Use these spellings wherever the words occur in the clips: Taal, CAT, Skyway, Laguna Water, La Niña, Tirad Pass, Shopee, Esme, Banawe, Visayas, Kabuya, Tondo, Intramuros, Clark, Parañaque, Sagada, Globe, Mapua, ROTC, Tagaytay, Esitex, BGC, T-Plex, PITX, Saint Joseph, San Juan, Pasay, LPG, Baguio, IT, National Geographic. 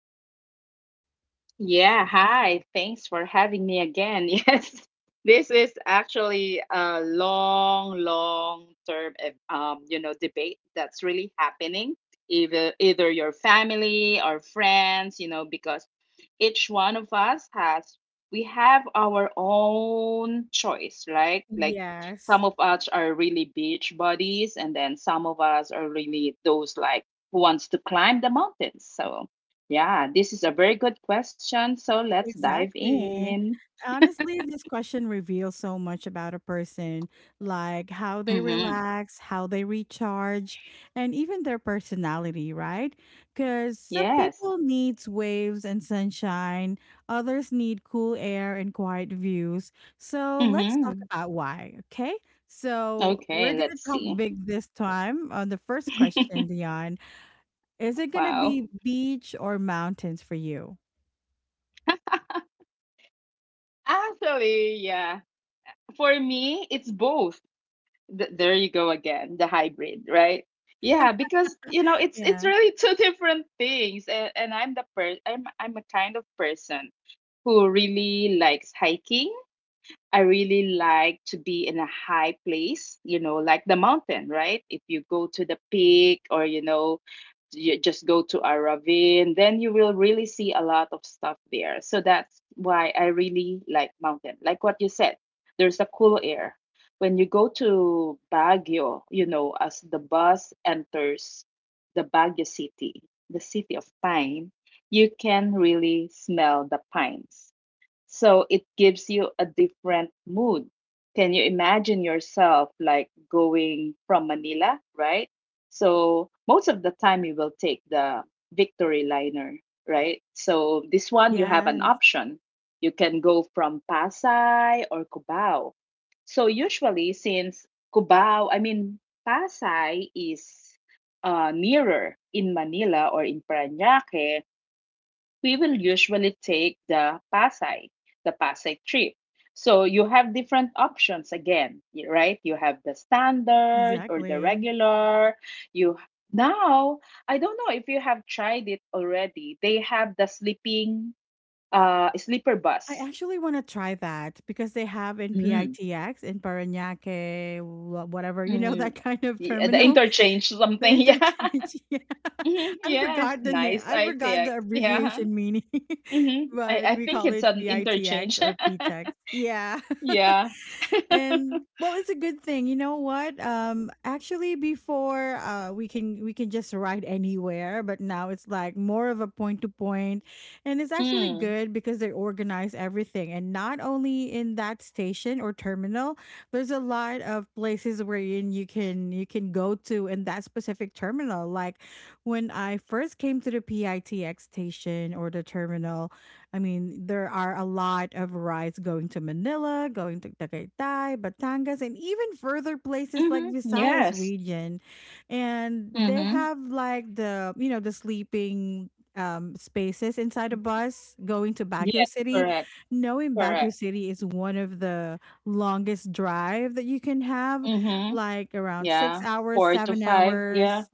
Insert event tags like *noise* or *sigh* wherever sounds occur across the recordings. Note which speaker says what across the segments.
Speaker 1: topic today?
Speaker 2: Yeah, hi. Thanks for having me again. *laughs* Yes, this is actually a long, long term, debate that's really happening. Either your family or friends, you know, because each one of us has we have our own choice, right? Like
Speaker 1: Yes.
Speaker 2: some of us are really beach buddies, and then some of us are really those like who wants to climb the mountains. So yeah, this is a very good question. So let's dive
Speaker 1: Exactly.
Speaker 2: in.
Speaker 1: Honestly, this question reveals so much about a person, like how they
Speaker 2: Mm-hmm.
Speaker 1: relax, how they recharge, and even their personality, right? Because some
Speaker 2: Yes.
Speaker 1: people needs waves and sunshine, others need cool air and quiet views. So let's talk
Speaker 2: Mm-hmm.
Speaker 1: about why, okay? So
Speaker 2: Okay,
Speaker 1: we're gonna
Speaker 2: let's
Speaker 1: talk
Speaker 2: see.
Speaker 1: big this time on the first question,
Speaker 2: *laughs*
Speaker 1: Dion. Is it gonna
Speaker 2: Wow.
Speaker 1: be beach or mountains for you?
Speaker 2: Actually, yeah. For me, it's both. There you go again, the hybrid, right? Yeah, because you know, it's
Speaker 1: Yeah.
Speaker 2: really *laughs* two different things. And I'm the per I'm a kind of person who really likes hiking. I really like to be in a high place, you know, like the mountain, right? If you go to the peak or, you know, you just go to a ravine, then you will really see a lot of stuff there. So that's why I really like mountain. Like what you said, there's a cool air. When you go to Baguio, you know, as the bus enters the Baguio city, the city of pine, you can really smell the pines, so it gives you a different mood. Can you imagine yourself like going from Manila, right? So most of the time you will take the Victory Liner, right? So this one you have an
Speaker 1: Yeah.
Speaker 2: option. You can go from Pasay or Cubao. So usually since Cubao, I mean Pasay is nearer in Manila or in Parañaque, we will usually take the Pasay trip. So you have different options again, right? You have the standard or the
Speaker 1: Exactly.
Speaker 2: regular. You now I don't know if you have tried it already. They have the sleeping sleeper
Speaker 1: I
Speaker 2: bus.
Speaker 1: actually want to try that because they have in
Speaker 2: Mm.
Speaker 1: PITX, in Parañaque, whatever, *laughs*
Speaker 2: Mm.
Speaker 1: that kind of
Speaker 2: Yeah, the
Speaker 1: terminal,
Speaker 2: interchange
Speaker 1: the
Speaker 2: something. *laughs* Yeah.
Speaker 1: interchange. *laughs* Yeah.
Speaker 2: Mhm.
Speaker 1: I
Speaker 2: Yes,
Speaker 1: forgot the name.
Speaker 2: nice
Speaker 1: I forgot
Speaker 2: ITX.
Speaker 1: the
Speaker 2: Yeah.
Speaker 1: abbreviation meaning, *laughs*
Speaker 2: I,
Speaker 1: but we
Speaker 2: think
Speaker 1: call
Speaker 2: it's
Speaker 1: it
Speaker 2: an
Speaker 1: PITX
Speaker 2: interchange.
Speaker 1: or
Speaker 2: *laughs*
Speaker 1: PTEX. Yeah. *laughs*
Speaker 2: Yeah.
Speaker 1: And well, it's a good thing. You know what? Actually, before, we can just ride anywhere. But now it's like more of a point to point. And it's actually
Speaker 2: Mm.
Speaker 1: good because they organize everything, and not only in that station or terminal, there's a lot of places wherein you can go to in that specific terminal, like when I first came to the PITX station or the terminal. I mean, there are a lot of rides going to Manila, going to Tagaytay, Batangas, and even further places like
Speaker 2: Mhm.
Speaker 1: Visayas
Speaker 2: Yes.
Speaker 1: region. And they
Speaker 2: Mhm.
Speaker 1: have like the sleeping spaces inside a bus going to Baguio
Speaker 2: Yes,
Speaker 1: City.
Speaker 2: correct.
Speaker 1: Knowing Baguio
Speaker 2: Correct.
Speaker 1: City is one of the longest drive that you can have,
Speaker 2: Mhm.
Speaker 1: like around six
Speaker 2: Yeah.
Speaker 1: hours,
Speaker 2: 4 to
Speaker 1: seven
Speaker 2: 5. Yeah,
Speaker 1: hours.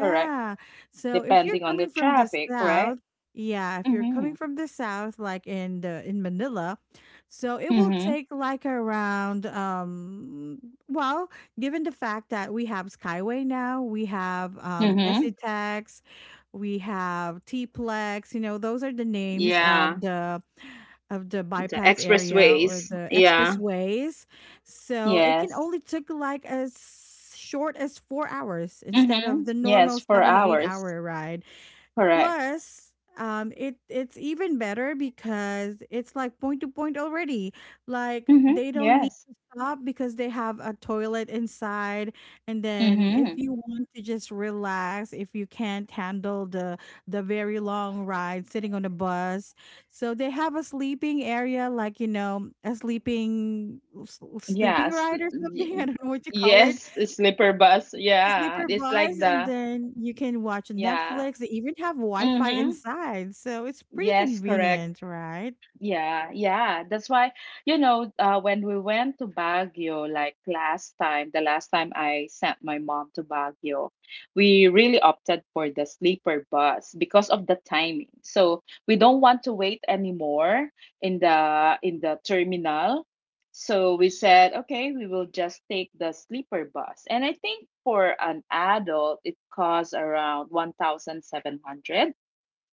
Speaker 2: correct.
Speaker 1: So if you're
Speaker 2: Depending on the
Speaker 1: coming from the
Speaker 2: traffic, right?
Speaker 1: south, yeah, if you're coming
Speaker 2: Mhm.
Speaker 1: from the south, like in the in Manila, so it will
Speaker 2: Mhm.
Speaker 1: take like around well, given the fact that we have Skyway now. We have
Speaker 2: Mhm.
Speaker 1: Esitex, we have T-Plex. You know, those are the names
Speaker 2: Yeah.
Speaker 1: of the
Speaker 2: The
Speaker 1: bypass area or
Speaker 2: expressways.
Speaker 1: the
Speaker 2: Yeah.
Speaker 1: expressways. So it can
Speaker 2: Yes.
Speaker 1: only took like as short as 4 hours instead
Speaker 2: Mhm.
Speaker 1: of the
Speaker 2: Yes,
Speaker 1: normal
Speaker 2: for
Speaker 1: seven, eight
Speaker 2: hours.
Speaker 1: hour ride.
Speaker 2: Correct.
Speaker 1: Plus, it's even better because it's like point to point already. Like
Speaker 2: Mhm.
Speaker 1: they don't need
Speaker 2: Yes.
Speaker 1: to stop because they have a toilet inside. And then if
Speaker 2: Mhm.
Speaker 1: you want to just relax, if you can't handle the very long ride sitting on a bus, so they have a sleeping area, like a sleeping sleeping
Speaker 2: Yes.
Speaker 1: ride or something. *laughs* I don't know what you call it.
Speaker 2: Yes, a sleeper bus. Yeah.
Speaker 1: Sleeper
Speaker 2: It's
Speaker 1: bus,
Speaker 2: like
Speaker 1: and
Speaker 2: the
Speaker 1: then you can watch
Speaker 2: yeah.
Speaker 1: Netflix. They even have Wi-Fi
Speaker 2: Mhm.
Speaker 1: inside, so it's pretty
Speaker 2: Yes, correct.
Speaker 1: convenient, right?
Speaker 2: Yeah, yeah. That's why, when we went to Baguio, like last time, the last time I sent my mom to Baguio, we really opted for the sleeper bus because of the timing. So we don't want to wait anymore in the terminal. So we said, okay, we will just take the sleeper bus. And I think for an adult, it costs around 1,700.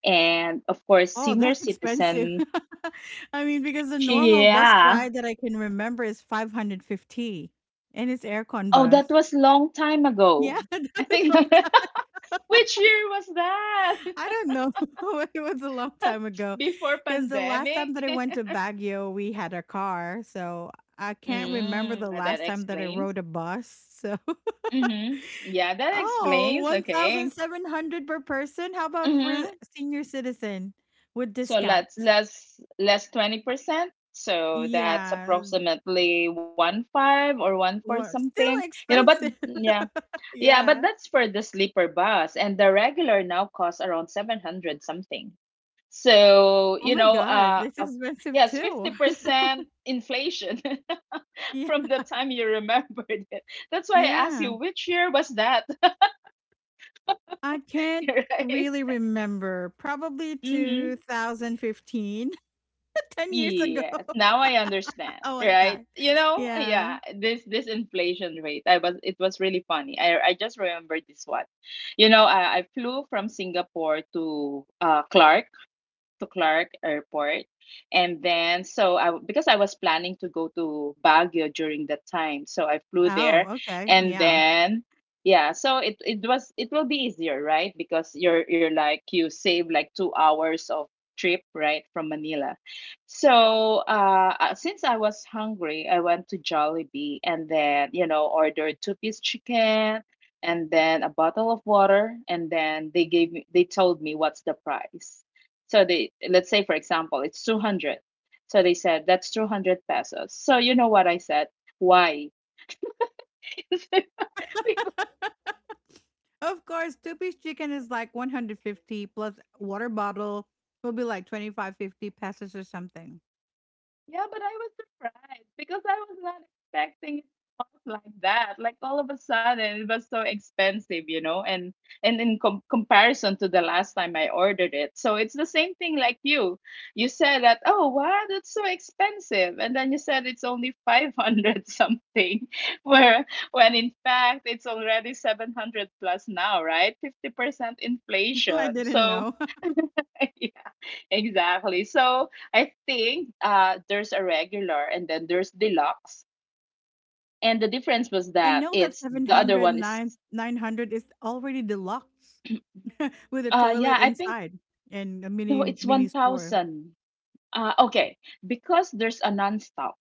Speaker 2: And of course,
Speaker 1: Oh,
Speaker 2: senior
Speaker 1: that's expensive.
Speaker 2: citizen
Speaker 1: *laughs* I mean, because the normal bus
Speaker 2: yeah.
Speaker 1: ride that I can remember is 550, and it's aircon
Speaker 2: Oh, that
Speaker 1: bus.
Speaker 2: was long time ago.
Speaker 1: Yeah, *laughs* that
Speaker 2: I
Speaker 1: was a
Speaker 2: think
Speaker 1: long time.
Speaker 2: *laughs* which year was that?
Speaker 1: I don't know. *laughs* It was a long time ago.
Speaker 2: *laughs* Before
Speaker 1: Because the last time
Speaker 2: pandemic?
Speaker 1: that I went to
Speaker 2: *laughs*
Speaker 1: Baguio, we had a car. So I can't remember the
Speaker 2: That
Speaker 1: last time that I
Speaker 2: explains.
Speaker 1: rode a bus. *laughs* So.
Speaker 2: Mm-hmm. Yeah, that
Speaker 1: Oh,
Speaker 2: explains. Okay.
Speaker 1: 1,700 per person? How about
Speaker 2: Mm-hmm.
Speaker 1: for senior citizen with
Speaker 2: So
Speaker 1: discount?
Speaker 2: let's less 20%. So that's
Speaker 1: Yeah,
Speaker 2: approximately one five or one four something.
Speaker 1: still
Speaker 2: You know, but
Speaker 1: expensive.
Speaker 2: yeah.
Speaker 1: *laughs*
Speaker 2: Yeah, but
Speaker 1: Yeah.
Speaker 2: that's for the sleeper bus and the regular now costs around 700 something. So,
Speaker 1: Oh my God, it's expensive
Speaker 2: yes,
Speaker 1: too. *laughs*
Speaker 2: 50% inflation *laughs*
Speaker 1: Yeah.
Speaker 2: from the time you remembered it. That's why I asked you,
Speaker 1: Yeah.
Speaker 2: which year was that?
Speaker 1: I
Speaker 2: *laughs*
Speaker 1: can't
Speaker 2: Right?
Speaker 1: really remember. Probably
Speaker 2: Mm-hmm.
Speaker 1: 2015, *laughs* 10 years ago.
Speaker 2: Yeah, now I
Speaker 1: *laughs*
Speaker 2: understand,
Speaker 1: Oh my
Speaker 2: right?
Speaker 1: God.
Speaker 2: You know,
Speaker 1: Yeah.
Speaker 2: yeah, this inflation rate, I was it was really funny. I just remembered this one. You know, I flew from Singapore to Clark to Clark Airport. And then, so I, because I was planning to go to Baguio during that time, so I flew
Speaker 1: Oh,
Speaker 2: there.
Speaker 1: okay.
Speaker 2: And
Speaker 1: Yeah.
Speaker 2: then, yeah, so it was, it will be easier, right? Because you're like, you save like 2 hours of trip, right, from Manila. So, since I was hungry, I went to Jollibee and then, you know, ordered two-piece chicken and then a bottle of water and then they told me what's the price, so they, let's say for example it's 200. So they said that's 200 pesos. So you know what I said? Why? *laughs*
Speaker 1: *laughs* Of course, two-piece chicken is like 150 plus water bottle will be like 25 to 50 pesos or something.
Speaker 2: Yeah, but I was surprised because I was not expecting it up like that. Like all of a sudden, it was so expensive, you know, and in comparison to the last time I ordered it. So it's the same thing like you. You said that, oh, wow, that's so expensive, and then you said it's only *laughs* 500 something, *laughs* where when in fact it's already 700 plus now, right? 50%
Speaker 1: *laughs* I
Speaker 2: inflation.
Speaker 1: didn't
Speaker 2: So.
Speaker 1: know. *laughs*
Speaker 2: *laughs* Exactly. So I think there's a regular and then there's deluxe. And the difference was
Speaker 1: I
Speaker 2: that
Speaker 1: know that
Speaker 2: it's
Speaker 1: seven
Speaker 2: the other
Speaker 1: hundred
Speaker 2: one is
Speaker 1: 900 is already deluxe with a toilet
Speaker 2: yeah, I think
Speaker 1: inside and a
Speaker 2: no,
Speaker 1: mini
Speaker 2: it's
Speaker 1: mini store.
Speaker 2: 1000. Okay, because there's a nonstop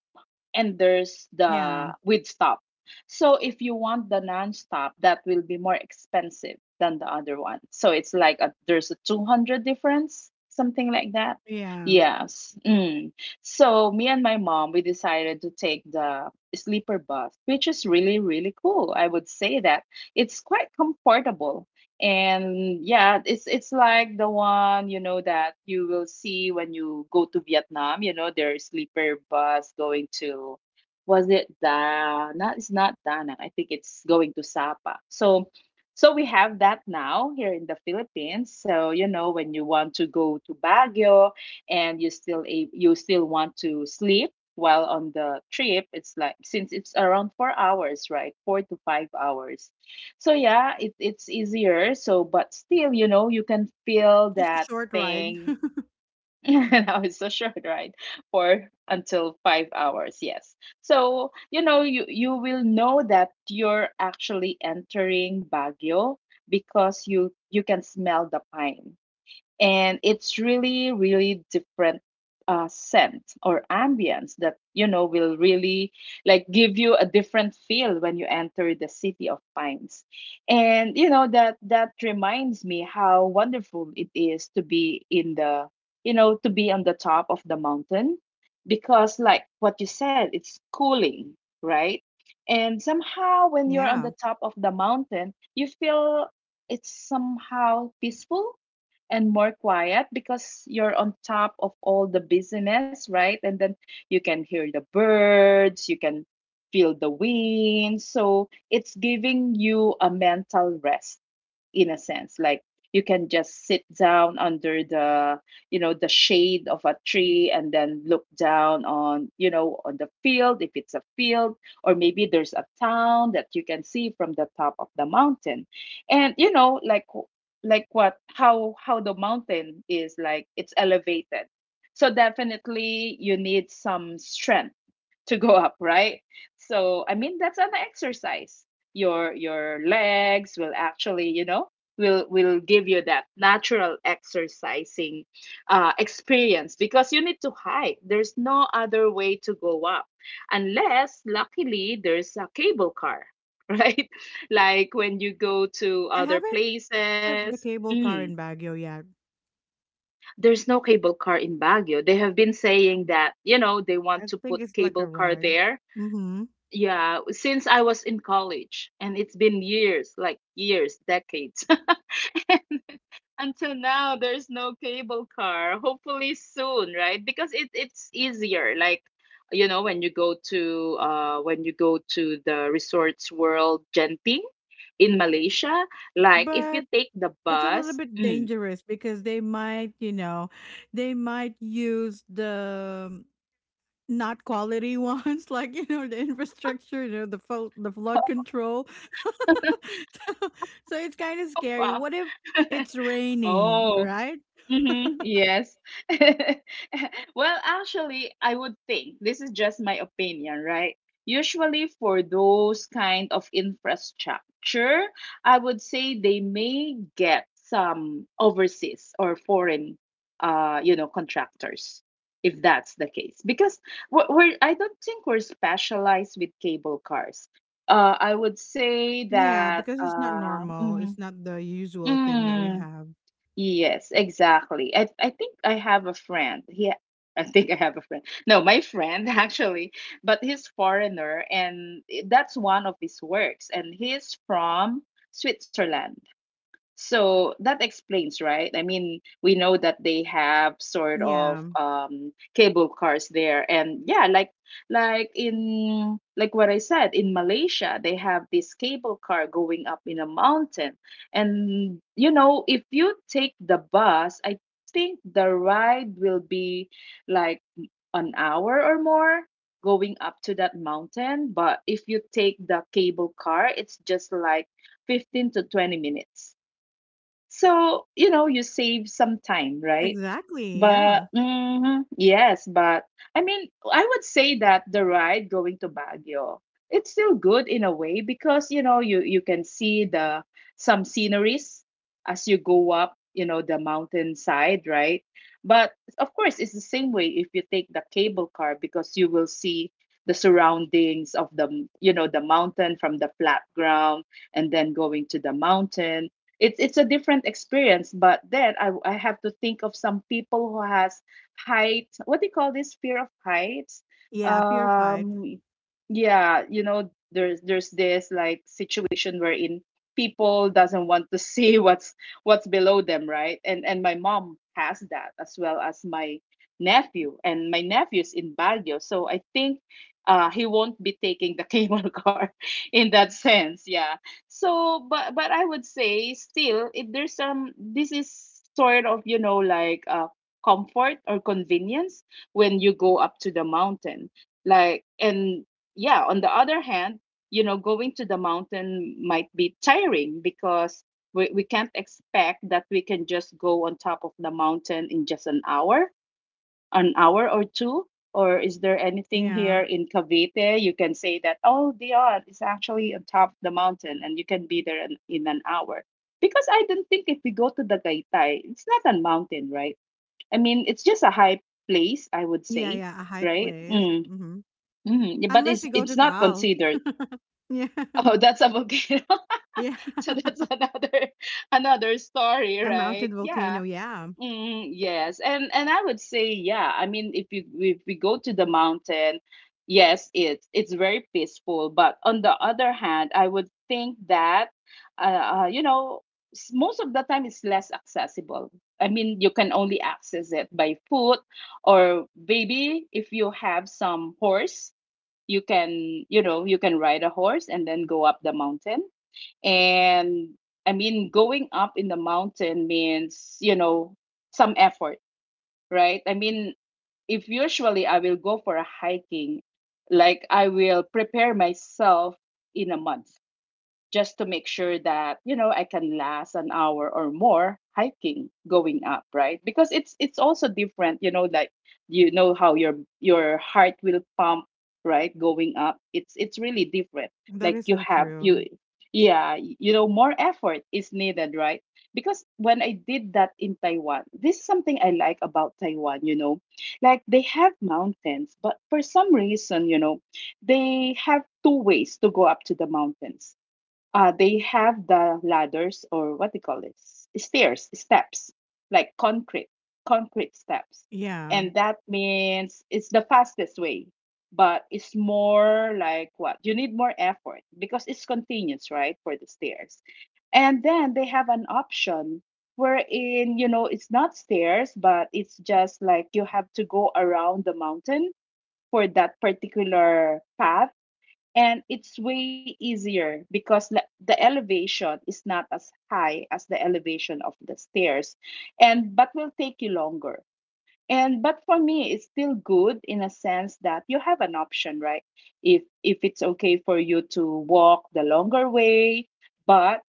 Speaker 2: and there's
Speaker 1: Yeah.
Speaker 2: the with stop. So if you want the non-stop, that will be more expensive than the other one. So it's like there's a 200 difference, something like that.
Speaker 1: Yeah.
Speaker 2: Yes. Mm. So me and my mom, we decided to take the sleeper bus, which is really, really cool. I would say that it's quite comfortable and yeah, it's like the one you know that you will see when you go to Vietnam. You know, there's sleeper bus going to, was it da not, it's not da Nang. I think it's going to Sapa. So so we have that now here in the Philippines. So you know, when you want to go to Baguio and you still you still want to sleep while on the trip, it's like since it's around 4 hours, right, 4 to 5 hours. So yeah, it's easier. So, but still, you know, you can feel
Speaker 1: It's a
Speaker 2: that
Speaker 1: short ride.
Speaker 2: thing.
Speaker 1: *laughs*
Speaker 2: *laughs* Now it's so short, right? For until 5 hours, yes. So you know, you will know that you're actually entering Baguio because you can smell the pine and it's really really different scent or ambience that you know will really like give you a different feel when you enter the city of pines. And you know that that reminds me how wonderful it is to be in the you know to be on the top of the mountain. Because like what you said, it's cooling, right? And somehow when you're on the
Speaker 1: Yeah.
Speaker 2: top of the mountain you feel it's somehow peaceful and more quiet because you're on top of all the busyness, right? And then you can hear the birds, you can feel the wind. So it's giving you a mental rest in a sense, like you can just sit down under the you know the shade of a tree and then look down on you know on the field if it's a field, or maybe there's a town that you can see from the top of the mountain. And you know like what how the mountain is like, it's elevated, so definitely you need some strength to go up, right? So I mean that's an exercise. Your legs will actually, you know, will give you that natural exercising experience because you need to hike. There's no other way to go up unless luckily there's a cable car *laughs* right, like when you go to
Speaker 1: I
Speaker 2: other
Speaker 1: haven't took the
Speaker 2: places.
Speaker 1: cable car
Speaker 2: Mm.
Speaker 1: in Baguio yet.
Speaker 2: There's no cable car in Baguio. They have been saying that, you know, they
Speaker 1: I
Speaker 2: want to
Speaker 1: think
Speaker 2: put
Speaker 1: it's like a
Speaker 2: cable car
Speaker 1: ride.
Speaker 2: there
Speaker 1: Mm-hmm.
Speaker 2: yeah, since I was in college, and it's been years, like years, decades. *laughs* Until now, there's no cable car. Hopefully soon, right? Because it it's easier. Like, you know, when you go to when you go to the Resorts World Genting in Malaysia, like if you
Speaker 1: But
Speaker 2: take the
Speaker 1: it's a little
Speaker 2: bus,
Speaker 1: bit
Speaker 2: mm,
Speaker 1: dangerous because they might use the not quality ones, *laughs* like the infrastructure, the flood control.
Speaker 2: *laughs*
Speaker 1: *laughs* so, so it's kind of scary.
Speaker 2: wow.
Speaker 1: What if
Speaker 2: *laughs*
Speaker 1: it's raining,
Speaker 2: Oh,
Speaker 1: right?
Speaker 2: mm-hmm. Yes. *laughs* Well, actually, I would think this is just my opinion, right? Usually, for those kind of infrastructure, I would say they may get some overseas or foreign, contractors, if that's the case. Because we're I don't think we're specialized with cable cars. I would say
Speaker 1: Yeah,
Speaker 2: that
Speaker 1: because it's not normal. It's not the usual thing that we
Speaker 2: mm,
Speaker 1: have.
Speaker 2: yes, exactly. I think I have a friend. Yeah, I think I have a friend. No, my friend *laughs* actually, but he's foreigner and that's one of his works and he's from Switzerland. So that explains, right? I mean, we know that they have sort of
Speaker 1: Yeah,
Speaker 2: cable cars there. And yeah, like what I said, in Malaysia, they have this cable car going up in a mountain. And you know, if you take the bus, I think the ride will be like an hour or more going up to that mountain. But if you take the cable car, it's just like 15 to 20 minutes. So, you know, you save some time, right?
Speaker 1: exactly. Yeah,
Speaker 2: But mhm, yes, but I mean, I would say that the ride going to Baguio, it's still good in a way because you know you you can see the some sceneries as you go up, you know, the mountainside, right? But of course, it's the same way if you take the cable car because you will see the surroundings of the, you know, the mountain from the flat ground and then going to the mountain it's a different experience. But then I have to think of some people who has height, what do you call this, fear of heights.
Speaker 1: yeah, fear fights.
Speaker 2: um yeah, you know, there's this like situation wherein people doesn't want to *laughs* see what's below them, right? And my mom has that, as well as my nephew, and my nephew's in Baguio, so I think he won't be taking the *laughs* cable car in that sense, yeah. So, but I would say still, if there's some, this is sort of, you know, like, comfort or convenience when you go up to the mountain. Like, and yeah, on the other hand, you know, going to the mountain might be tiring because we can't expect that we can just go on top of the mountain in just an hour, an hour or two. Or is there anything
Speaker 1: Yeah,
Speaker 2: here in Cavite you can say that, oh, Dion, it's actually on top of the mountain and you can be there in an hour? Because I don't think if we go to the Tagaytay, it's not a mountain, right? I mean, it's just a high place, I would
Speaker 1: yeah,
Speaker 2: say,
Speaker 1: yeah, a high
Speaker 2: right?
Speaker 1: place.
Speaker 2: Mm,
Speaker 1: Hmm.
Speaker 2: mm, yeah, but
Speaker 1: Unless
Speaker 2: it's
Speaker 1: you go to
Speaker 2: it's not
Speaker 1: Taal.
Speaker 2: considered. *laughs*
Speaker 1: *laughs* Yeah.
Speaker 2: Oh, that's a volcano.
Speaker 1: Yeah.
Speaker 2: *laughs* So that's
Speaker 1: *laughs*
Speaker 2: another another story,
Speaker 1: A
Speaker 2: right?
Speaker 1: mountain
Speaker 2: Yeah.
Speaker 1: volcano, yeah.
Speaker 2: Mm, yes, and I would say yeah. I mean, if you, if we go to the mountain, yes, it's very peaceful. But on the other hand, I would think that, uh, you know, most of the time it's less accessible. I mean, you can only access it by foot, or maybe if you have some horse, you can, you know, you can ride a horse and then go up the mountain. And I mean, going up in the mountain means, you know, some effort, right? I mean, if usually I will go for a hiking, like I will prepare myself in a month just to make sure that you know I can last an hour or more hiking going up, right? Because it's also different, you know, like you know how your heart will pump, right, going up. It's really different.
Speaker 1: That
Speaker 2: Like
Speaker 1: is
Speaker 2: you
Speaker 1: so
Speaker 2: have
Speaker 1: true.
Speaker 2: you, yeah, you know, more effort is needed, right? Because when I did that in Taiwan, this is something I like about Taiwan, you know. Like they have mountains, but for some reason, you know, they have two ways to go up to the mountains. They have the ladders or what they call this, stairs, steps, like concrete, concrete steps.
Speaker 1: Yeah.
Speaker 2: And that means it's the fastest way, but it's more like what? You need more effort because it's continuous, right? For the stairs. And then they have an option wherein, you know, it's not stairs, but it's just like you have to go around the mountain for that particular path, and it's way easier because the elevation is not as high as the elevation of the stairs, and but will take you longer. And but for me it's still good in a sense that you have an option, right? If it's okay for you to walk the longer way, but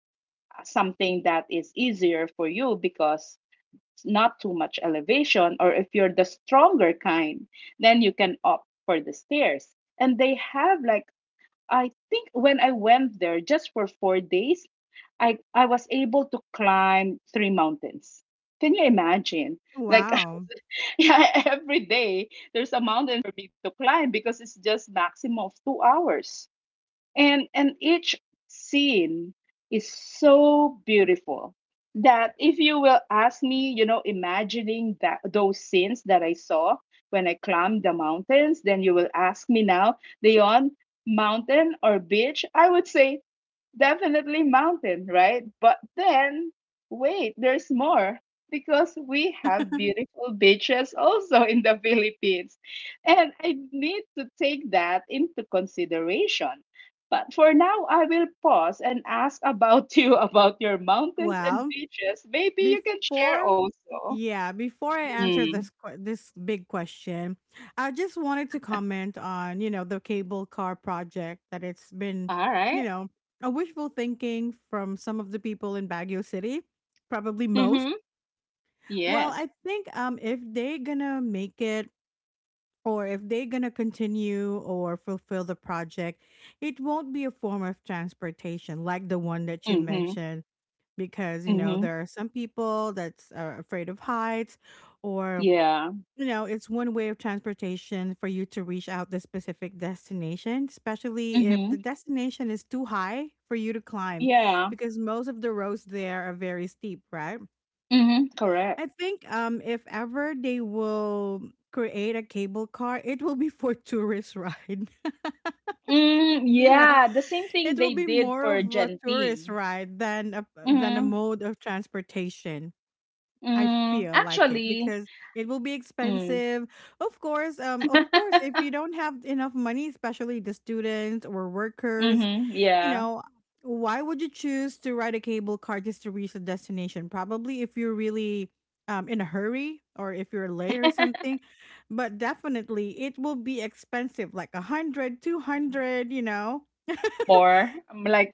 Speaker 2: something that is easier for you because it's not too much elevation, or if you're the stronger kind, then you can opt for the stairs. And they have like, I think when I went there just for 4 days, I was able to climb three mountains. Can you imagine?
Speaker 1: Oh,
Speaker 2: Like,
Speaker 1: wow.
Speaker 2: *laughs* yeah, every day there's a mountain for me to climb because it's just maximum of 2 hours, and each scene is so beautiful that if you will ask me, you know, imagining that those scenes that I saw when I climbed the mountains, then you will ask me now, Leon, mountain or beach, I would say definitely mountain, right? But then wait, there's more, because we have
Speaker 1: *laughs*
Speaker 2: beautiful beaches also in the *laughs* Philippines, and I need to take that into consideration. But for now, I will pause and ask about *laughs* you about your mountains and
Speaker 1: Well,
Speaker 2: beaches. Maybe you can share
Speaker 1: before,
Speaker 2: also.
Speaker 1: yeah, before I answer
Speaker 2: Mm.
Speaker 1: this this big question, I just wanted to comment on, the cable car project that it's been,
Speaker 2: All
Speaker 1: you
Speaker 2: right.
Speaker 1: know, a wishful thinking from some of the people in Baguio City, probably most.
Speaker 2: Mm-hmm.
Speaker 1: Well,
Speaker 2: Yes.
Speaker 1: I think if they're going to make it or if they're going to continue or fulfill the project, it won't be a form of transportation like the one that you
Speaker 2: Mm-hmm.
Speaker 1: mentioned because,
Speaker 2: Mm-hmm.
Speaker 1: there are some people that's afraid of heights, or
Speaker 2: Yeah.
Speaker 1: it's one way of transportation for you to reach out the specific destination, especially if
Speaker 2: Mm-hmm.
Speaker 1: the destination is too high for you to climb
Speaker 2: Yeah.
Speaker 1: because most of the roads there are very steep, right?
Speaker 2: Mm-hmm. Correct.
Speaker 1: I think if ever they will create a cable car, it will be *laughs* for tourist ride.
Speaker 2: Mm,
Speaker 1: *laughs* you know,
Speaker 2: yeah, the same thing
Speaker 1: it will
Speaker 2: they
Speaker 1: be
Speaker 2: did
Speaker 1: more of
Speaker 2: for
Speaker 1: a tourist
Speaker 2: Genting.
Speaker 1: ride than a
Speaker 2: Mm-hmm.
Speaker 1: mode of transportation. I
Speaker 2: Mm,
Speaker 1: feel like it
Speaker 2: actually,
Speaker 1: because it will be
Speaker 2: mm.
Speaker 1: expensive. Of course,
Speaker 2: *laughs*
Speaker 1: if you don't have enough money, especially the students or workers,
Speaker 2: Mm-hmm.
Speaker 1: you
Speaker 2: Yeah.
Speaker 1: know, why would you choose to ride a cable car just to reach a destination? Probably if you're really in a hurry or if you're late or something. But definitely it will be expensive, like 100, two
Speaker 2: Mhm.
Speaker 1: hundred,
Speaker 2: More. Like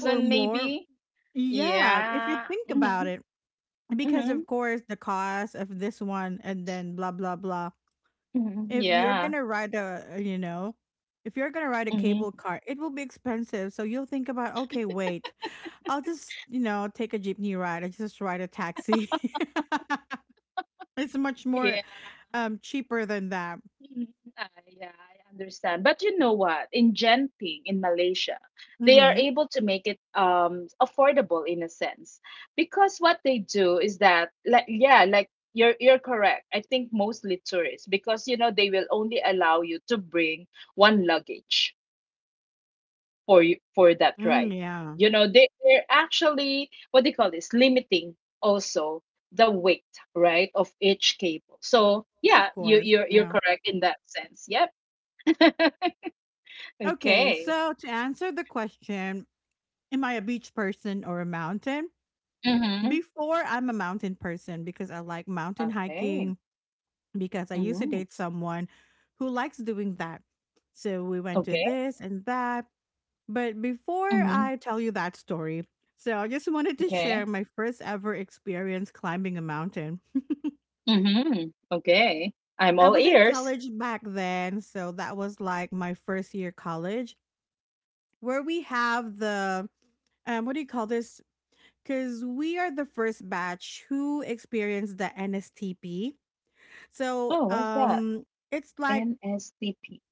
Speaker 1: or more.
Speaker 2: maybe.
Speaker 1: Yeah, if you
Speaker 2: Yeah.
Speaker 1: think
Speaker 2: Mm-hmm.
Speaker 1: about it. Because
Speaker 2: Mhm,
Speaker 1: of course the cost of this one and then blah blah blah.
Speaker 2: mhm,
Speaker 1: If you're
Speaker 2: yeah,
Speaker 1: gonna ride a If you're gonna ride a
Speaker 2: mhm,
Speaker 1: cable car, it will be expensive. So you'll think about, okay, wait. I'll just, take a jeepney ride. I just ride a taxi. *laughs* It's much more
Speaker 2: yeah,
Speaker 1: cheaper than that.
Speaker 2: mhm, ah, yeah, I understand. But you know what? In Genting, in Malaysia, they are
Speaker 1: Mm-hmm.
Speaker 2: able to make it affordable in a sense because what they do is that like, yeah, like you're correct. I think mostly tourists because you know they will only allow you to bring one luggage. For you for that,
Speaker 1: Mm,
Speaker 2: right?
Speaker 1: yeah.
Speaker 2: You know they're actually what they call this, limiting also the weight, right, of each cable. So
Speaker 1: Of
Speaker 2: yeah, you
Speaker 1: course.
Speaker 2: you're you're
Speaker 1: Yeah.
Speaker 2: correct in that sense. Yep. *laughs*
Speaker 1: Okay,
Speaker 2: Okay.
Speaker 1: so to answer the question, am I a beach person or a mountain?
Speaker 2: Mm-hmm.
Speaker 1: Before, I'm a mountain person because I like mountain
Speaker 2: Okay.
Speaker 1: hiking because I used to
Speaker 2: Mm-hmm.
Speaker 1: date someone who likes doing that. So we went to
Speaker 2: Okay.
Speaker 1: this and that. But before
Speaker 2: Mm-hmm.
Speaker 1: I tell you that story, so I just wanted to
Speaker 2: Okay.
Speaker 1: share my first ever experience climbing a mountain. *laughs*
Speaker 2: Mm-hmm. Okay. I'm
Speaker 1: I
Speaker 2: all
Speaker 1: was in
Speaker 2: ears.
Speaker 1: college back then, so that was like my first year college, where we have the what do you call this? Because we are the first batch who experienced the NSTP. So
Speaker 2: Oh, what's that?
Speaker 1: it's like
Speaker 2: NSTP.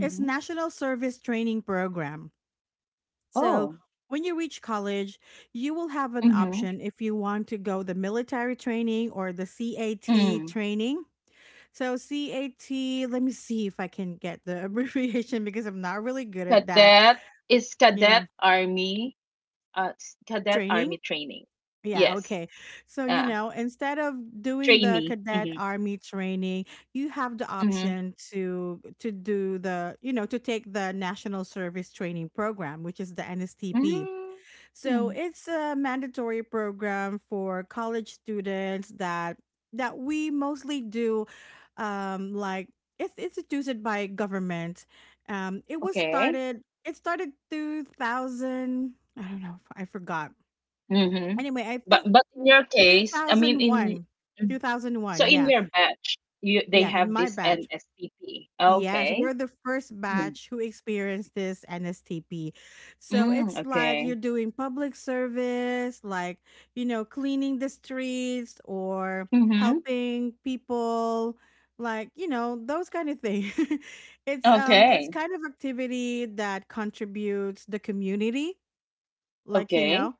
Speaker 1: it's
Speaker 2: Mm-hmm.
Speaker 1: National Service Training Program. So
Speaker 2: Oh.
Speaker 1: when you reach college, you will have an
Speaker 2: Mm-hmm.
Speaker 1: option if you want to go the military training or the CAT
Speaker 2: Mm.
Speaker 1: training. So CAT, let me see if I can get the *laughs* abbreviation because I'm not really good at that.
Speaker 2: Cadet. Is cadet
Speaker 1: Yeah,
Speaker 2: army. Cadet army
Speaker 1: training.
Speaker 2: training.
Speaker 1: Yeah,
Speaker 2: Yes.
Speaker 1: okay. So,
Speaker 2: Uh,
Speaker 1: instead of doing the
Speaker 2: Trainee.
Speaker 1: cadet
Speaker 2: Mm-hmm.
Speaker 1: army training, you have the
Speaker 2: Mm-hmm.
Speaker 1: option to do to take the National Service Training Program, which is the NSTP. So
Speaker 2: Mm.
Speaker 1: it's a mandatory program for college students that we mostly do, like, it's instituted by government. It was
Speaker 2: Okay.
Speaker 1: started 2000. I don't know, I forgot.
Speaker 2: Mm-hmm.
Speaker 1: Anyway, I think
Speaker 2: But in your case, I mean in y-,
Speaker 1: 2001.
Speaker 2: mhm.
Speaker 1: 2001.
Speaker 2: So in
Speaker 1: Yeah.
Speaker 2: your batch, you they
Speaker 1: Yeah, in
Speaker 2: have
Speaker 1: my
Speaker 2: this
Speaker 1: batch.
Speaker 2: NSPP.
Speaker 1: Yes,
Speaker 2: Okay.
Speaker 1: we're the first
Speaker 2: Mm-hmm.
Speaker 1: batch who experienced this NSTP. So
Speaker 2: Mm,
Speaker 1: it's like
Speaker 2: okay.
Speaker 1: you're doing public service, like, cleaning the streets or
Speaker 2: Mm-hmm.
Speaker 1: helping people, like, those kind of things. *laughs* It's
Speaker 2: Okay.
Speaker 1: kind of activity that contributes the community, like, you
Speaker 2: Okay.
Speaker 1: know.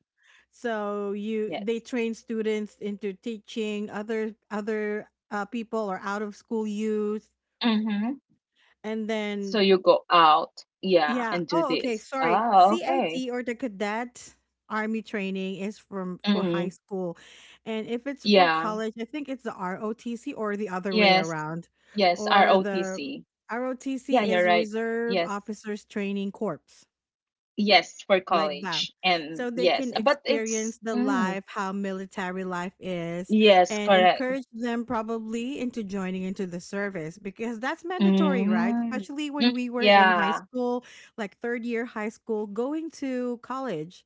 Speaker 1: So you they
Speaker 2: Yes.
Speaker 1: train students into teaching other people or out of school youth,
Speaker 2: Mm-hmm.
Speaker 1: and
Speaker 2: So
Speaker 1: then
Speaker 2: you go out, yeah,
Speaker 1: yeah.
Speaker 2: and do
Speaker 1: Oh, okay.
Speaker 2: this.
Speaker 1: Sorry.
Speaker 2: Oh, okay.
Speaker 1: CIT or the cadet army training is from for high
Speaker 2: Mm-hmm.
Speaker 1: school. And if it's for
Speaker 2: Yeah.
Speaker 1: college, I think it's the ROTC or the other way
Speaker 2: Yes.
Speaker 1: around.
Speaker 2: Yes,
Speaker 1: Or the
Speaker 2: ROTC. Yeah,
Speaker 1: ROTC
Speaker 2: you're
Speaker 1: is
Speaker 2: right.
Speaker 1: Reserve
Speaker 2: Yes.
Speaker 1: Officers Training Corps,
Speaker 2: Yes, for
Speaker 1: like that,
Speaker 2: college. And
Speaker 1: so they
Speaker 2: yes,
Speaker 1: can
Speaker 2: but it's
Speaker 1: experience the
Speaker 2: mm,
Speaker 1: life, how military life is,
Speaker 2: yes,
Speaker 1: and
Speaker 2: correct.
Speaker 1: encourage them probably into joining into the service because that's mandatory, right?
Speaker 2: Mm,
Speaker 1: Especially when
Speaker 2: mm,
Speaker 1: we were in high
Speaker 2: yeah.
Speaker 1: school, like third year high school going to college,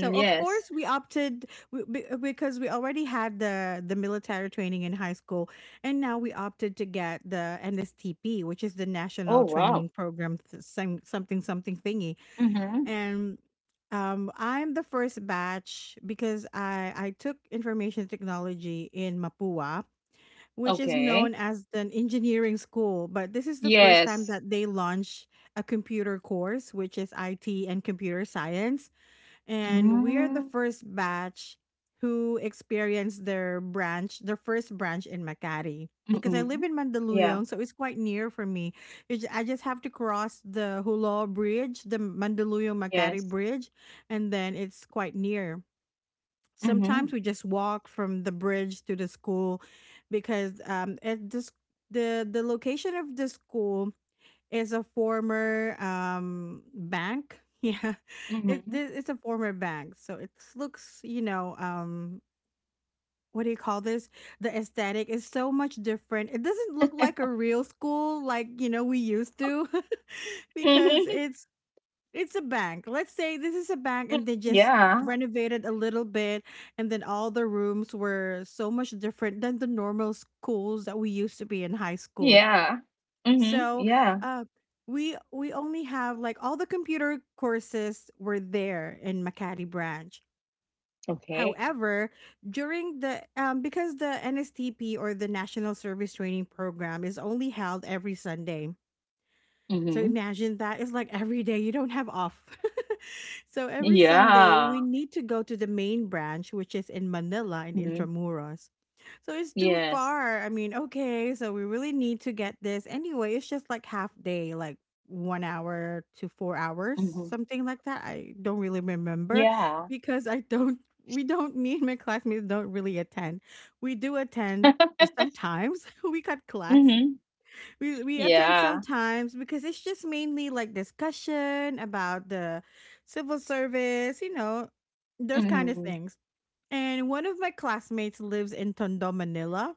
Speaker 1: so of
Speaker 2: yes.
Speaker 1: course we opted because we already had the military training in high school. And now we opted to get the NSTP, which is the
Speaker 2: Oh,
Speaker 1: national
Speaker 2: wow.
Speaker 1: training program some, something something thingy.
Speaker 2: Mm-hmm.
Speaker 1: And I'm the first batch because I took information technology in Mapua, which is known
Speaker 2: Okay.
Speaker 1: as an engineering school. But this is the first time
Speaker 2: Yes.
Speaker 1: that they launch a computer course, which is IT and computer science, and we are the
Speaker 2: Mm,
Speaker 1: first batch who experienced their branch, their first branch in Makati. Because I
Speaker 2: mm-mm.
Speaker 1: live in
Speaker 2: Yeah.
Speaker 1: Mandaluyong, so it's quite near for me. You I just have to cross the Hulo Bridge, the Mandaluyong Makati
Speaker 2: Yes.
Speaker 1: Bridge, and then it's quite near.
Speaker 2: Mm-hmm.
Speaker 1: Sometimes we just walk from the bridge to the school because the location of the school is a former bank. *laughs* Yeah,
Speaker 2: Mm-hmm.
Speaker 1: it's a former bank, so it looks what do you call this? The aesthetic is so much different. It doesn't look like a real school like we used to, *laughs* because
Speaker 2: Mm-hmm.
Speaker 1: it's a bank. Let's say this is a bank, and they
Speaker 2: *laughs*
Speaker 1: just
Speaker 2: Yeah.
Speaker 1: renovated a little bit, and then all the rooms were so much different than the normal schools that we used to be in high school,
Speaker 2: Yeah. Mm-hmm.
Speaker 1: so,
Speaker 2: Yeah.
Speaker 1: uh, we only have like all the computer courses were there in Makati branch.
Speaker 2: Okay.
Speaker 1: However, during the because the NSTP or the National Service Training Program is only held every Sunday, so
Speaker 2: Mm-hmm.
Speaker 1: imagine that it's like every day you don't have off. *laughs* So every Sunday we
Speaker 2: Yeah.
Speaker 1: need to go to the main branch, which is in Manila in
Speaker 2: Mm-hmm.
Speaker 1: Intramuros. So it's too
Speaker 2: Yes.
Speaker 1: far. I mean, okay, so we really need to get this anyway. It's just like half day, like 1 hour to 4 hours,
Speaker 2: Mm-hmm.
Speaker 1: something like that. I don't really remember
Speaker 2: Yeah.
Speaker 1: because I don't. We don't. Me and my classmates don't really attend. We do attend
Speaker 2: *laughs*
Speaker 1: sometimes. *laughs* We got class,
Speaker 2: Mhm.
Speaker 1: we attend
Speaker 2: Yeah.
Speaker 1: sometimes because it's just mainly like discussion about the civil service, you know, those kind of
Speaker 2: Mhm.
Speaker 1: things. And one of my classmates lives in Tondo, Manila.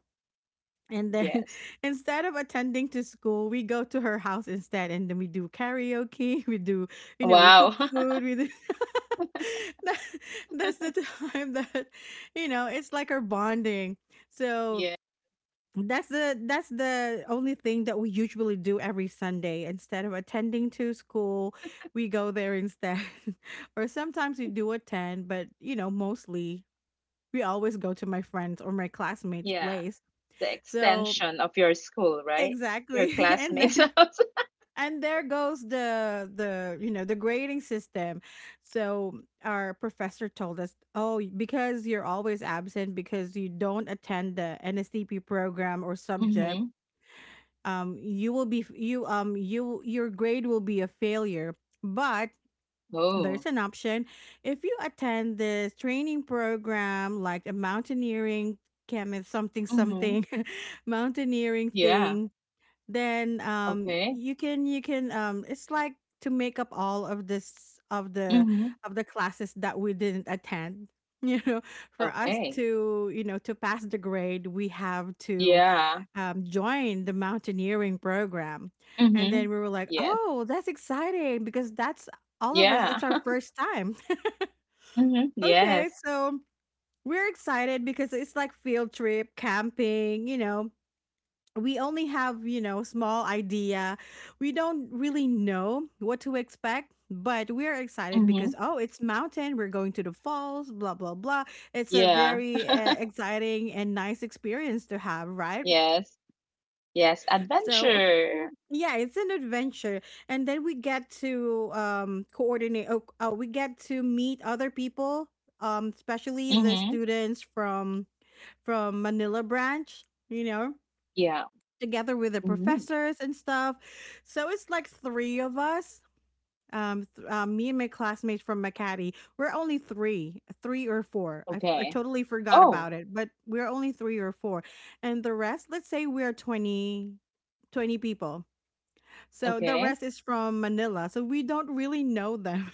Speaker 1: And then
Speaker 2: Yes.
Speaker 1: *laughs* instead of attending to school, we go to her house instead and then we do karaoke, *laughs* we do, you know, we cook
Speaker 2: Wow.
Speaker 1: food,
Speaker 2: *laughs*
Speaker 1: we do *laughs* That- that's the *laughs* time that, you know, it's like our bonding. So
Speaker 2: Yeah.
Speaker 1: that's the only thing that we usually do every Sunday. Instead of attending to school, we go there instead. *laughs* Or sometimes we do attend, but you know, mostly we always go to my friends or my classmates'
Speaker 2: Yeah.
Speaker 1: place.
Speaker 2: The
Speaker 1: So
Speaker 2: extension of your school, right? Your
Speaker 1: exactly. *laughs* And
Speaker 2: classmates'
Speaker 1: then
Speaker 2: *laughs* house.
Speaker 1: and there goes the the grading system. So our professor told us, "Oh, because you're always absent because you don't attend the NSDP program or subject,
Speaker 2: Mhm.
Speaker 1: you will be your grade will be a failure, but there's
Speaker 2: Oh.
Speaker 1: an option. If you attend this training program like a mountaineering chemist something
Speaker 2: Mhm.
Speaker 1: something *laughs* mountaineering
Speaker 2: Yeah.
Speaker 1: thing, then
Speaker 2: Okay.
Speaker 1: you can it's like to make up all of this,
Speaker 2: Mhm.
Speaker 1: of the classes that we didn't attend, *laughs* you know, for us
Speaker 2: Okay.
Speaker 1: to, you know, to pass the grade, we have to,
Speaker 2: Yeah.
Speaker 1: join the mountaineering program. And then
Speaker 2: Mhm.
Speaker 1: we were like,
Speaker 2: Yes.
Speaker 1: oh, that's exciting because that's all of us,
Speaker 2: Yeah.
Speaker 1: it's our
Speaker 2: *laughs*
Speaker 1: first time.
Speaker 2: Mhm.
Speaker 1: *laughs* Okay,
Speaker 2: Yes.
Speaker 1: so we're excited because it's like field trip camping, you know, we only have, you know, small idea, we don't really know what to expect, but we're excited
Speaker 2: Mhm.
Speaker 1: because oh, it's mountain, we're going to the falls, blah blah blah. It's a
Speaker 2: Yeah.
Speaker 1: very exciting and nice experience to have, right?
Speaker 2: Yes. Yes.
Speaker 1: So of course,
Speaker 2: Adventure.
Speaker 1: yeah, it's an adventure. And then we get to coordinate, we get to meet other people, especially the
Speaker 2: Mhm.
Speaker 1: students from Manila branch, you know,
Speaker 2: Yeah.
Speaker 1: together with the
Speaker 2: Mhm.
Speaker 1: professors and stuff. So it's like three of us. Me and my classmates from Makati, we're only three, three or four. I
Speaker 2: Okay.
Speaker 1: totally forgot
Speaker 2: Oh.
Speaker 1: about it, but we're only three or four. And the rest, let's say we're 20, 20 people. So the
Speaker 2: Okay.
Speaker 1: rest is from Manila. So we don't really know them.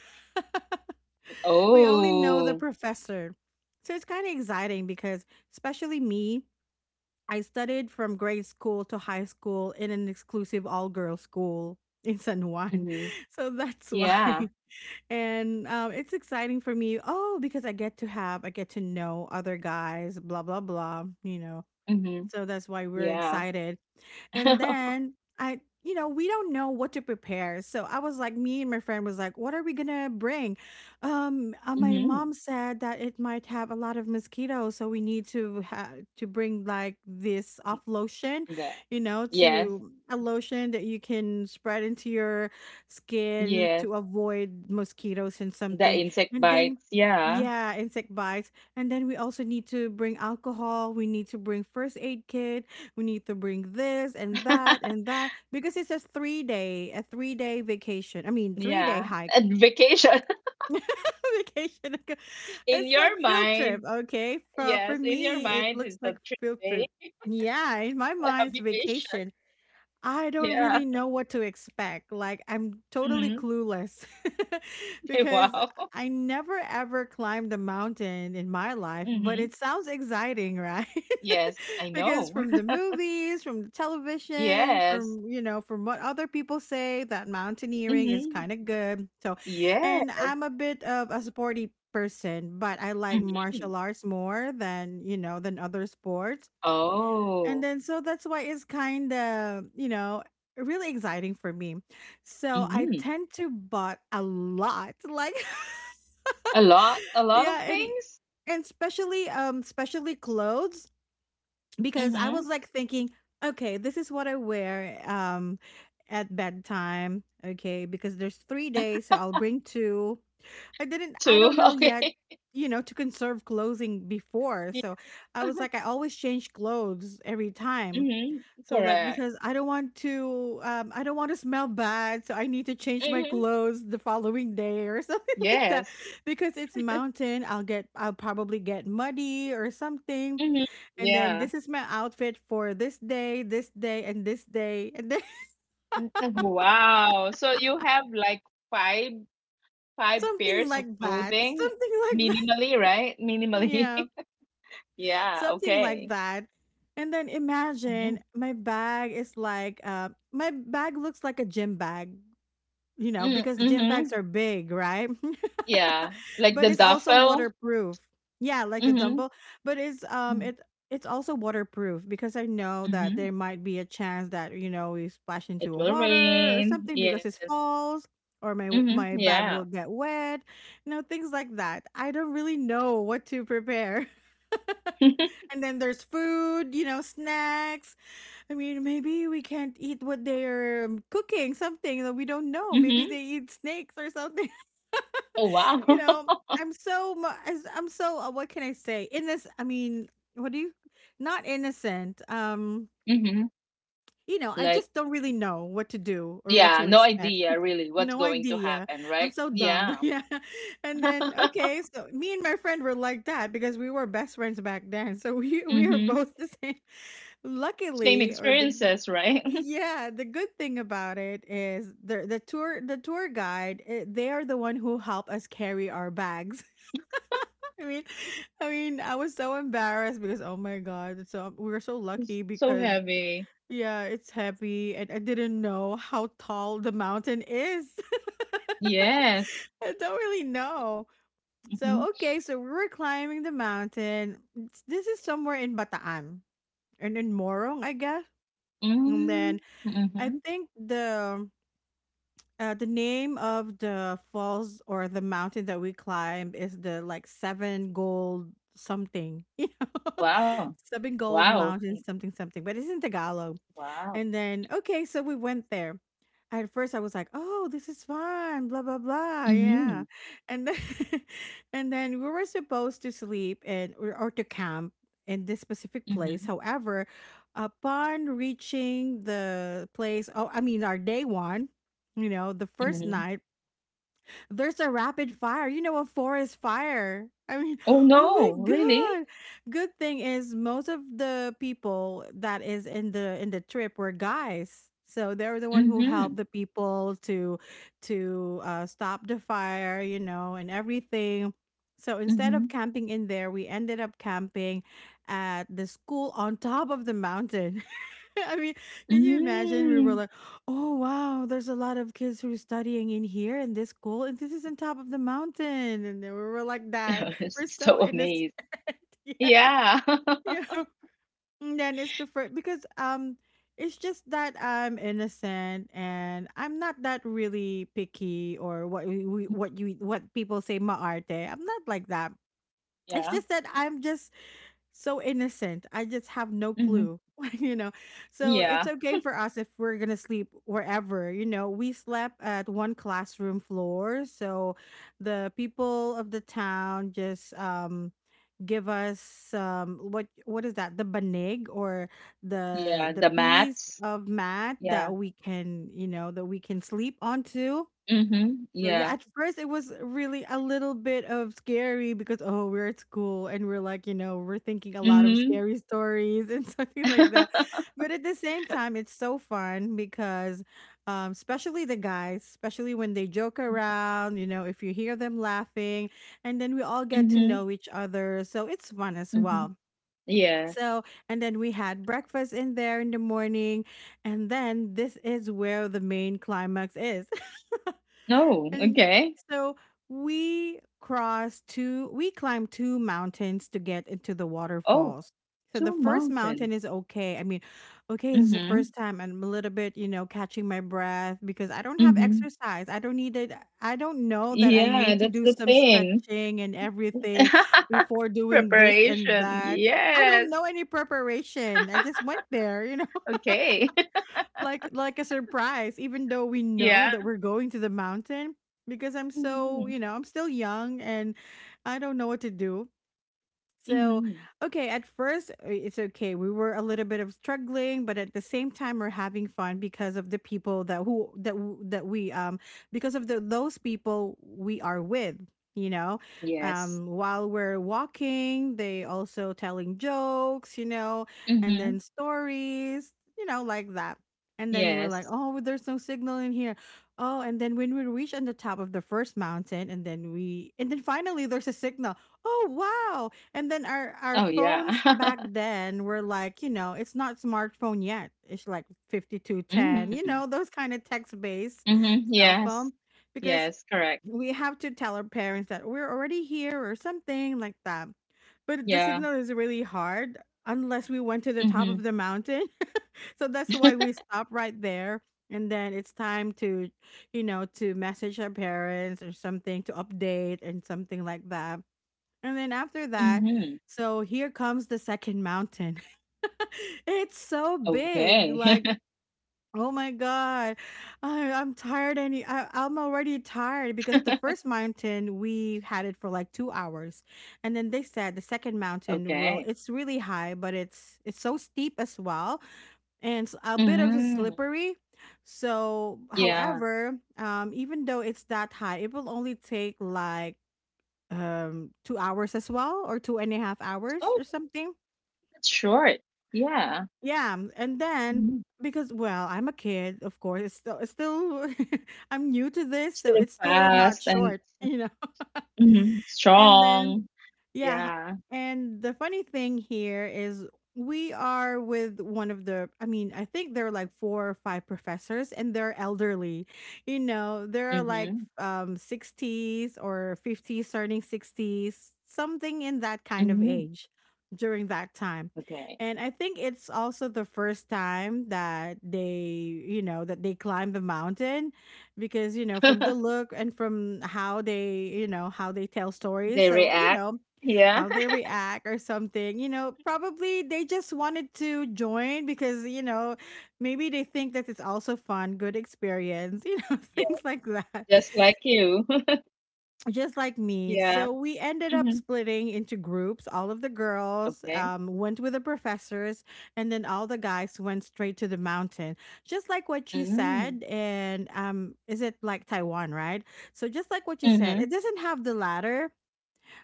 Speaker 1: *laughs* We only know the
Speaker 2: Oh.
Speaker 1: professor. So it's kind of exciting because, especially me, I studied from grade school to high school in an exclusive all girls school *laughs* in San Juan.
Speaker 2: Mhm.
Speaker 1: *laughs* So that's
Speaker 2: Yeah.
Speaker 1: why. *laughs* And it's exciting for me. Oh, because I get to have, I get to know other guys, blah, blah, blah, you know.
Speaker 2: Mhm.
Speaker 1: So that's why we're
Speaker 2: Yeah.
Speaker 1: excited. And
Speaker 2: *laughs*
Speaker 1: then we don't know what to prepare. So I was like, me and my friend was like, what are we gonna bring? My mom
Speaker 2: Mhm.
Speaker 1: said that it might have a lot of mosquitoes, so we need to bring like this off lotion,
Speaker 2: The.
Speaker 1: you know,
Speaker 2: Yes.
Speaker 1: to a lotion that you can spread into your skin
Speaker 2: Yes.
Speaker 1: to avoid mosquitoes and
Speaker 2: The
Speaker 1: something.
Speaker 2: insect
Speaker 1: And then
Speaker 2: bites. Yeah.
Speaker 1: yeah, insect bites. And then we also need to bring alcohol. We need to bring first aid kit, we need to bring this and
Speaker 2: *laughs*
Speaker 1: that because it's a three day a 3 day vacation, I mean 3 day
Speaker 2: Yeah.
Speaker 1: hike.
Speaker 2: And vacation. *laughs*
Speaker 1: *laughs* Vacation,
Speaker 2: In
Speaker 1: it's like
Speaker 2: your
Speaker 1: field trip.
Speaker 2: mind.
Speaker 1: Okay, for
Speaker 2: Yes. In your
Speaker 1: me it
Speaker 2: mind,
Speaker 1: looks
Speaker 2: it's a
Speaker 1: like
Speaker 2: three
Speaker 1: field trip.
Speaker 2: day
Speaker 1: Yeah, in my
Speaker 2: *laughs*
Speaker 1: mind's
Speaker 2: vacation.
Speaker 1: vacation. I don't
Speaker 2: Yeah.
Speaker 1: really know what to expect. Like, I'm totally
Speaker 2: Hmm.
Speaker 1: clueless. *laughs*
Speaker 2: *laughs*
Speaker 1: Because
Speaker 2: Wow.
Speaker 1: I never ever climbed a mountain in my life, but
Speaker 2: Hmm.
Speaker 1: it sounds exciting, right?
Speaker 2: Yes.
Speaker 1: *laughs*
Speaker 2: I
Speaker 1: Because
Speaker 2: know.
Speaker 1: from the
Speaker 2: *laughs*
Speaker 1: movies, from the television,
Speaker 2: Yes.
Speaker 1: from, you know, from what other people say, that mountaineering is
Speaker 2: Hmm.
Speaker 1: kind of good. So,
Speaker 2: Yeah.
Speaker 1: and I'm a bit of a sporty person, but I like
Speaker 2: Hmm.
Speaker 1: martial arts more than, you know, than other sports. And
Speaker 2: Oh.
Speaker 1: then so that's why it's kind of, you know, really exciting for me. So I
Speaker 2: Hmm.
Speaker 1: tend to bought a lot. Like
Speaker 2: A lot. A
Speaker 1: *laughs*
Speaker 2: lot of
Speaker 1: yeah,
Speaker 2: things.
Speaker 1: and especially especially clothes because I was
Speaker 2: Hmm.
Speaker 1: like thinking, okay, this is what I wear at bedtime, okay, because there's 3 days, so I'll bring two. I
Speaker 2: Two. *laughs*
Speaker 1: don't know yet,
Speaker 2: Okay.
Speaker 1: you know, to conserve clothing before.
Speaker 2: Yeah.
Speaker 1: So I was like, I always change clothes every time.
Speaker 2: Mhm.
Speaker 1: So like,
Speaker 2: Correct.
Speaker 1: because I don't want to I don't want to smell bad, so I need to change my
Speaker 2: Mhm.
Speaker 1: clothes the following day or *laughs* something like that.
Speaker 2: Yes.
Speaker 1: Because it's mountain, I'll probably get muddy or something.
Speaker 2: Mhm.
Speaker 1: And then
Speaker 2: Yeah.
Speaker 1: this is my outfit for this day, this day. And then
Speaker 2: Mm, wow. So you have like five,
Speaker 1: *laughs*
Speaker 2: five
Speaker 1: something
Speaker 2: pairs of
Speaker 1: like that.
Speaker 2: clothing,
Speaker 1: Something like that. *laughs*
Speaker 2: minimally, right? Minimally.
Speaker 1: Yeah.
Speaker 2: *laughs* Yeah,
Speaker 1: Something like
Speaker 2: okay.
Speaker 1: that. And then
Speaker 2: Mhm.
Speaker 1: imagine my bag is like my bag looks like a gym bag, you know,
Speaker 2: Mm,
Speaker 1: because the gym bags
Speaker 2: mhm.
Speaker 1: are big, right?
Speaker 2: Yeah.
Speaker 1: *laughs*
Speaker 2: Like
Speaker 1: But
Speaker 2: the
Speaker 1: it's also
Speaker 2: duffel.
Speaker 1: waterproof. Yeah, like the
Speaker 2: Mhm.
Speaker 1: dumbbell, but
Speaker 2: Mm,
Speaker 1: it's also waterproof because I know that
Speaker 2: mhm.
Speaker 1: there might be a chance that, you know, we splash
Speaker 2: It
Speaker 1: into a
Speaker 2: will
Speaker 1: water or
Speaker 2: rain.
Speaker 1: something
Speaker 2: Yeah.
Speaker 1: because it's falls or
Speaker 2: Mhm.
Speaker 1: my bag
Speaker 2: Yeah.
Speaker 1: will get wet, you know, things like that. I don't really know what to prepare. *laughs*
Speaker 2: *laughs*
Speaker 1: And then there's food, you know, snacks, I mean, maybe we can't eat what they're cooking, something that we don't know. Maybe
Speaker 2: Mhm.
Speaker 1: they eat snakes or something.
Speaker 2: Oh wow.
Speaker 1: *laughs* You know,
Speaker 2: *laughs*
Speaker 1: I'm so, what can I say? Innocent. I mean, what do you, not innocent.
Speaker 2: Mhm.
Speaker 1: You know, I
Speaker 2: Like,
Speaker 1: just don't really know what to do or what
Speaker 2: yeah,
Speaker 1: to
Speaker 2: no
Speaker 1: expect. *laughs*
Speaker 2: idea really what's
Speaker 1: No
Speaker 2: going to
Speaker 1: idea.
Speaker 2: happen,
Speaker 1: I'm
Speaker 2: right?
Speaker 1: so dumb.
Speaker 2: Yeah.
Speaker 1: *laughs* Yeah. And then
Speaker 2: *laughs*
Speaker 1: okay, so me and my friend were like that because we were best friends back then. So we are
Speaker 2: Hmm.
Speaker 1: both the same.
Speaker 2: Same
Speaker 1: Luckily, or the
Speaker 2: experiences, right? *laughs*
Speaker 1: yeah, the good thing about it is the tour guide, eh, they are the one who help us carry our bags. *laughs* I mean, I mean, I was so embarrassed because oh my god, it's so we were so
Speaker 2: It's
Speaker 1: lucky
Speaker 2: so
Speaker 1: because
Speaker 2: heavy.
Speaker 1: yeah, it's heavy and I didn't know how tall the mountain is. *laughs*
Speaker 2: Yes.
Speaker 1: I don't really know.
Speaker 2: Mm-hmm.
Speaker 1: So okay, so we were climbing the mountain. This is somewhere in Bataan and in Morong, I guess. And
Speaker 2: Mm-hmm.
Speaker 1: then I
Speaker 2: Mm-hmm.
Speaker 1: think the name of the falls or the mountain that we climb is the like seven gold something, *laughs* you know,
Speaker 2: Wow.
Speaker 1: *laughs* seven gold
Speaker 2: Wow.
Speaker 1: mountain something something, but it's in Tagalog.
Speaker 2: Wow.
Speaker 1: And then, okay, so we went there. At first, I was like, "Oh, this is fun," blah blah blah,
Speaker 2: Mm-hmm.
Speaker 1: yeah. And then, *laughs* and then we were supposed to sleep and, or to camp in this specific place.
Speaker 2: Mm-hmm.
Speaker 1: However, upon reaching the place, oh, I mean, our day one, you know, the first
Speaker 2: Mm-hmm.
Speaker 1: night, there's a rapid fire, you know, a forest fire. I mean,
Speaker 2: Oh
Speaker 1: *gasps* oh my
Speaker 2: no, really?
Speaker 1: god. Good thing is most of the people that is in the trip were guys. So they were the one who
Speaker 2: Mm-hmm.
Speaker 1: helped the people to stop the fire, you know, and everything. So instead of
Speaker 2: Mm-hmm.
Speaker 1: camping in there, we ended up camping at the school on top of the mountain. *laughs* I mean, can you imagine? We were
Speaker 2: Mm.
Speaker 1: like, oh, wow, there's a lot of kids who are studying in here in this school, and this is on top of the mountain. And then we were like, that.
Speaker 2: *laughs*
Speaker 1: We're
Speaker 2: It's
Speaker 1: so
Speaker 2: so
Speaker 1: innocent.
Speaker 2: amazed.
Speaker 1: *laughs* Yeah.
Speaker 2: Yeah. *laughs*
Speaker 1: Yeah. And then it's the first, because it's just that I'm innocent and I'm not that really picky or what we- what you what people say maarte. I'm not like that. It's
Speaker 2: Yeah.
Speaker 1: just that I'm just so innocent. I just have no
Speaker 2: Mm-hmm.
Speaker 1: clue, *laughs* you know. So
Speaker 2: Yeah.
Speaker 1: it's okay for us if we're gonna sleep wherever, you know. We slept at one classroom floor, so the people of the town just give us what is that, the banig, or the
Speaker 2: Yeah.
Speaker 1: the
Speaker 2: The
Speaker 1: piece
Speaker 2: mats.
Speaker 1: of mat that
Speaker 2: Yeah.
Speaker 1: we can you know that we can sleep onto.
Speaker 2: Mm-hmm.
Speaker 1: So yeah,
Speaker 2: Yeah.
Speaker 1: at first it was really a little bit of scary because, oh, we're at school and we're like, we're thinking a lot of
Speaker 2: Mm-hmm.
Speaker 1: scary stories and *laughs* something like that.
Speaker 2: *laughs*
Speaker 1: But at the same time, it's so fun because especially the guys, especially when they joke around, if you hear them laughing, and then we all get to
Speaker 2: Mm-hmm.
Speaker 1: know each other. So it's fun as
Speaker 2: Mm-hmm.
Speaker 1: well.
Speaker 2: Yes.
Speaker 1: So, and then we had breakfast in there in the morning, and then this is where the main climax is.
Speaker 2: Oh,
Speaker 1: And
Speaker 2: okay.
Speaker 1: so we climbed two mountains to get into the
Speaker 2: Oh,
Speaker 1: waterfalls. So the
Speaker 2: 2
Speaker 1: first mountain
Speaker 2: mountains.
Speaker 1: is okay. I mean, okay, this is the
Speaker 2: Mhm,
Speaker 1: first time I'm a little bit, catching my breath because I don't have
Speaker 2: mhm.
Speaker 1: exercise. I don't need it. I don't know that I
Speaker 2: Yeah,
Speaker 1: need to
Speaker 2: that's
Speaker 1: do
Speaker 2: the
Speaker 1: some
Speaker 2: thing.
Speaker 1: stretching and everything
Speaker 2: *laughs*
Speaker 1: before doing this and
Speaker 2: Preparation,
Speaker 1: that. I don't
Speaker 2: yes.
Speaker 1: know any preparation. I just went there,
Speaker 2: Okay. *laughs*
Speaker 1: like a surprise, even though we know
Speaker 2: Yeah.
Speaker 1: that we're going to the mountain because I'm so,
Speaker 2: Mhm,
Speaker 1: I'm still young and I don't know what to do. So,
Speaker 2: mhm.
Speaker 1: okay, at first, it's okay. We were a little bit of struggling, but at the same time we're having fun because of the people that who that w- that we because of the those people we are with, you know. Um
Speaker 2: Yes.
Speaker 1: while we're walking, they also telling jokes, and then
Speaker 2: Mhm.
Speaker 1: stories, like that. And then we were like,
Speaker 2: Yes.
Speaker 1: "Oh, there's no signal in here." Oh, and then when we reach on the top of the first mountain and then finally there's a signal. Oh, wow, and then our
Speaker 2: Oh, yeah.
Speaker 1: phones back
Speaker 2: *laughs*
Speaker 1: then were like, it's not smartphone yet. It's like 5210,
Speaker 2: Mm.
Speaker 1: those kind of text-based
Speaker 2: Mhm.
Speaker 1: cell
Speaker 2: Yes.
Speaker 1: phone because
Speaker 2: Yes, correct.
Speaker 1: we have to tell our parents that we're already here or something like that. But the
Speaker 2: Yeah.
Speaker 1: signal is really hard unless we went to the top
Speaker 2: Mhm.
Speaker 1: of the mountain. *laughs* So that's why we stop right there. And then it's time to, message our parents or something, to update and something like that. And then after that, so
Speaker 2: Mhm. *laughs*
Speaker 1: here comes the second mountain. *laughs* It's so big.
Speaker 2: Okay.
Speaker 1: Like,
Speaker 2: *laughs*
Speaker 1: oh my god, I'm tired. I'm already tired because the first mountain we had it for like 2 hours, and then they said the second mountain will.
Speaker 2: Okay.
Speaker 1: It's really high, but it's so steep as well, and it's a bit of a
Speaker 2: Mm.
Speaker 1: slippery. So,
Speaker 2: Yeah.
Speaker 1: however, even though it's that high, it will only take like, 2 hours as well, or two and a half hours
Speaker 2: Oh,
Speaker 1: or something.
Speaker 2: that's short. Yeah.
Speaker 1: Yeah, and then,
Speaker 2: Mm-hmm.
Speaker 1: because, well, I'm a kid, of course it's still, *laughs* I'm new to this, so
Speaker 2: Still
Speaker 1: it's still not
Speaker 2: fast and
Speaker 1: short,
Speaker 2: mhm,
Speaker 1: *laughs* and then,
Speaker 2: strong.
Speaker 1: yeah.
Speaker 2: Yeah.
Speaker 1: And the funny thing here is, we are with, one of the I mean, I think there are like four or five professors and they're elderly. There are like,
Speaker 2: Mhm.
Speaker 1: 60s or 50s turning 60s, something in that kind of
Speaker 2: Mhm.
Speaker 1: age during that time.
Speaker 2: Okay.
Speaker 1: And I think it's also the first time that they, you know, that they climb the mountain because, you know, from the
Speaker 2: *laughs*
Speaker 1: look and from how they tell stories.
Speaker 2: They
Speaker 1: So,
Speaker 2: react. Yeah.
Speaker 1: how they
Speaker 2: *laughs*
Speaker 1: react or something. Probably they just wanted to join because, maybe they think that it's also fun, good experience, *laughs*
Speaker 2: Yeah.
Speaker 1: things like that.
Speaker 2: Just like you. *laughs*
Speaker 1: Just like me.
Speaker 2: Yeah.
Speaker 1: So we ended up
Speaker 2: Mhm.
Speaker 1: splitting into groups. All of the girls,
Speaker 2: Okay.
Speaker 1: went with the professors, and then all the guys went straight to the mountain. Just like what you
Speaker 2: Mm.
Speaker 1: said. And, is it like Taiwan, right? So, just like what you said,
Speaker 2: Mhm.
Speaker 1: it doesn't have the ladder,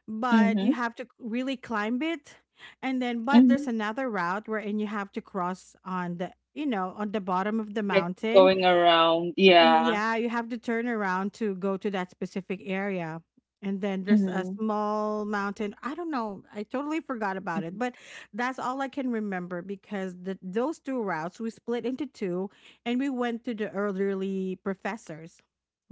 Speaker 1: but you
Speaker 2: Mhm.
Speaker 1: have to really climb it. And then, but
Speaker 2: Mhm.
Speaker 1: there's another route wherein you have to cross on the, on the bottom of the
Speaker 2: Like
Speaker 1: mountain.
Speaker 2: going around.
Speaker 1: Y-
Speaker 2: Yeah.
Speaker 1: yeah, you have to turn around to go to that specific area. And then there's a
Speaker 2: Mhm.
Speaker 1: small mountain. I don't know. I totally forgot about it,
Speaker 2: Mhm.
Speaker 1: but that's all I can remember because those two routes, we split into two, and we went to the elderly professors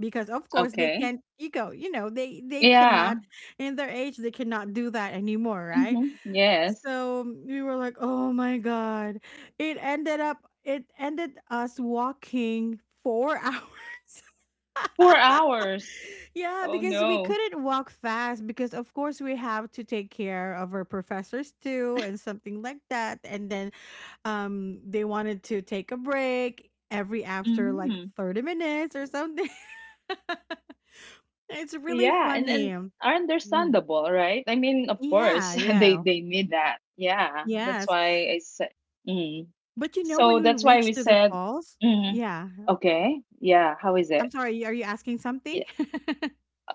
Speaker 1: because, of course, they
Speaker 2: Okay.
Speaker 1: can't ego, they cannot,
Speaker 2: Yeah.
Speaker 1: in their age they cannot do that anymore, right?
Speaker 2: Mhm. Yes.
Speaker 1: So, we were like, "Oh my god!" It ended up, it ended us walking 4 *laughs* hours.
Speaker 2: 4 hours.
Speaker 1: Yeah,
Speaker 2: Oh
Speaker 1: because we
Speaker 2: no.
Speaker 1: couldn't walk fast because of course we have to take care of our professors too and something like that. And then, they wanted to take a break every after like
Speaker 2: Mhm.
Speaker 1: 30 minutes or something. *laughs* It's really
Speaker 2: Yeah, and
Speaker 1: funny.
Speaker 2: then are
Speaker 1: Mhm.
Speaker 2: understandable, right? I mean, of course,
Speaker 1: Yeah,
Speaker 2: *laughs*
Speaker 1: yeah.
Speaker 2: they need that. Yeah, that's
Speaker 1: Yes.
Speaker 2: why I said. Mm.
Speaker 1: But you know,
Speaker 2: So
Speaker 1: when we
Speaker 2: that's why we
Speaker 1: reach to the
Speaker 2: said,
Speaker 1: falls,
Speaker 2: mm,
Speaker 1: yeah.
Speaker 2: okay, yeah. How is it?
Speaker 1: I'm sorry, are you asking something?
Speaker 2: Yeah.
Speaker 1: *laughs*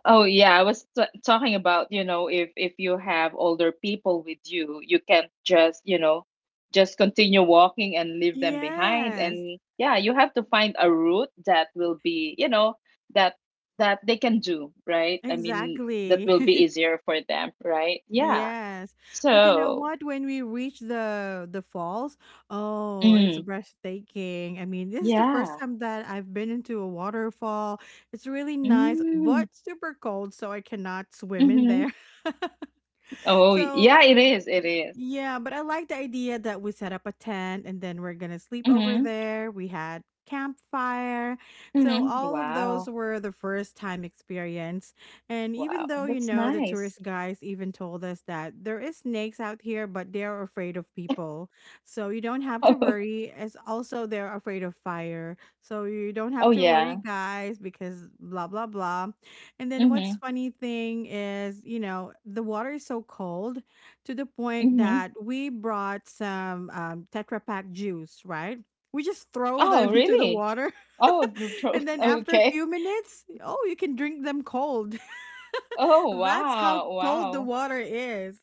Speaker 2: Oh yeah, I was t talking about, you know, if you have older people with you, you can't just, you know, just continue walking and leave them behind.
Speaker 1: Yes,
Speaker 2: And yeah, you have to find a route that will be, you know, that that they can do, right? I mean, that
Speaker 1: exactly.
Speaker 2: will be
Speaker 1: *laughs*
Speaker 2: easier for them, right? Yeah.
Speaker 1: Yes. But you know
Speaker 2: So,
Speaker 1: what? When we reach the falls, oh, it's
Speaker 2: mm,
Speaker 1: breathtaking. I mean, this is the first
Speaker 2: yeah.
Speaker 1: time that I've been into a waterfall. It's really nice,
Speaker 2: Mm,
Speaker 1: but super cold, so I cannot swim in
Speaker 2: mm-hmm.
Speaker 1: there. *laughs*
Speaker 2: Oh,
Speaker 1: So,
Speaker 2: yeah, it is. It is.
Speaker 1: yeah, but I like the idea that we set up a tent and then we're going to sleep over
Speaker 2: Mm-hmm.
Speaker 1: there. We had campfire. So
Speaker 2: Mm-hmm.
Speaker 1: all of those
Speaker 2: Wow.
Speaker 1: were the first time experience. And even
Speaker 2: Wow.
Speaker 1: though,
Speaker 2: That's
Speaker 1: the
Speaker 2: nice.
Speaker 1: tourist guys even told us that there is snakes out here but they're afraid of people. So you don't have to
Speaker 2: *laughs*
Speaker 1: worry, as also they're afraid of fire. So you don't have
Speaker 2: Oh,
Speaker 1: to worry,
Speaker 2: yeah.
Speaker 1: guys, because blah blah blah. And then what's
Speaker 2: Mhm,
Speaker 1: funny thing is, the water is so cold to the point
Speaker 2: mhm.
Speaker 1: that we brought some, Tetra Pak juice, right? We just throw
Speaker 2: Oh,
Speaker 1: them *laughs* to the
Speaker 2: really?
Speaker 1: water,
Speaker 2: Oh,
Speaker 1: *laughs*
Speaker 2: neutral.
Speaker 1: and
Speaker 2: *laughs*
Speaker 1: then after a
Speaker 2: Okay.
Speaker 1: few minutes, oh, you can drink them cold. *laughs*
Speaker 2: Oh,
Speaker 1: That's how
Speaker 2: wow.
Speaker 1: cold the
Speaker 2: Wow.
Speaker 1: water is,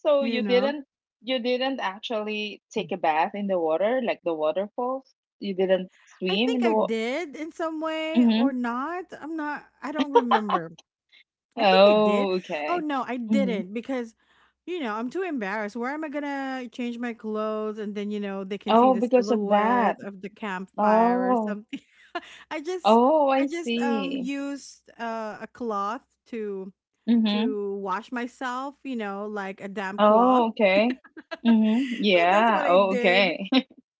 Speaker 2: So
Speaker 1: you
Speaker 2: you
Speaker 1: know?
Speaker 2: didn't, you didn't actually take a bath in the water, like the waterfalls? You didn't
Speaker 1: I
Speaker 2: swim
Speaker 1: think
Speaker 2: in the
Speaker 1: I
Speaker 2: wa-.
Speaker 1: did in some way or
Speaker 2: Mhm.
Speaker 1: not. I'm not, I don't remember. I think I did.
Speaker 2: Oh,
Speaker 1: Oh
Speaker 2: okay.
Speaker 1: no, I
Speaker 2: Mhm.
Speaker 1: didn't because, I'm too embarrassed. Where am I gonna change my clothes, and then, they can see
Speaker 2: Oh,
Speaker 1: the
Speaker 2: because of
Speaker 1: silhouette
Speaker 2: that.
Speaker 1: of the campfire or
Speaker 2: Oh.
Speaker 1: something? *laughs* I just,
Speaker 2: Oh, I see.
Speaker 1: used, a cloth to
Speaker 2: Mhm.
Speaker 1: wash myself, like a damp cloth.
Speaker 2: Oh, okay.
Speaker 1: *laughs*
Speaker 2: Mhm.
Speaker 1: So that's
Speaker 2: Yeah.
Speaker 1: what I
Speaker 2: Oh,
Speaker 1: did.
Speaker 2: okay.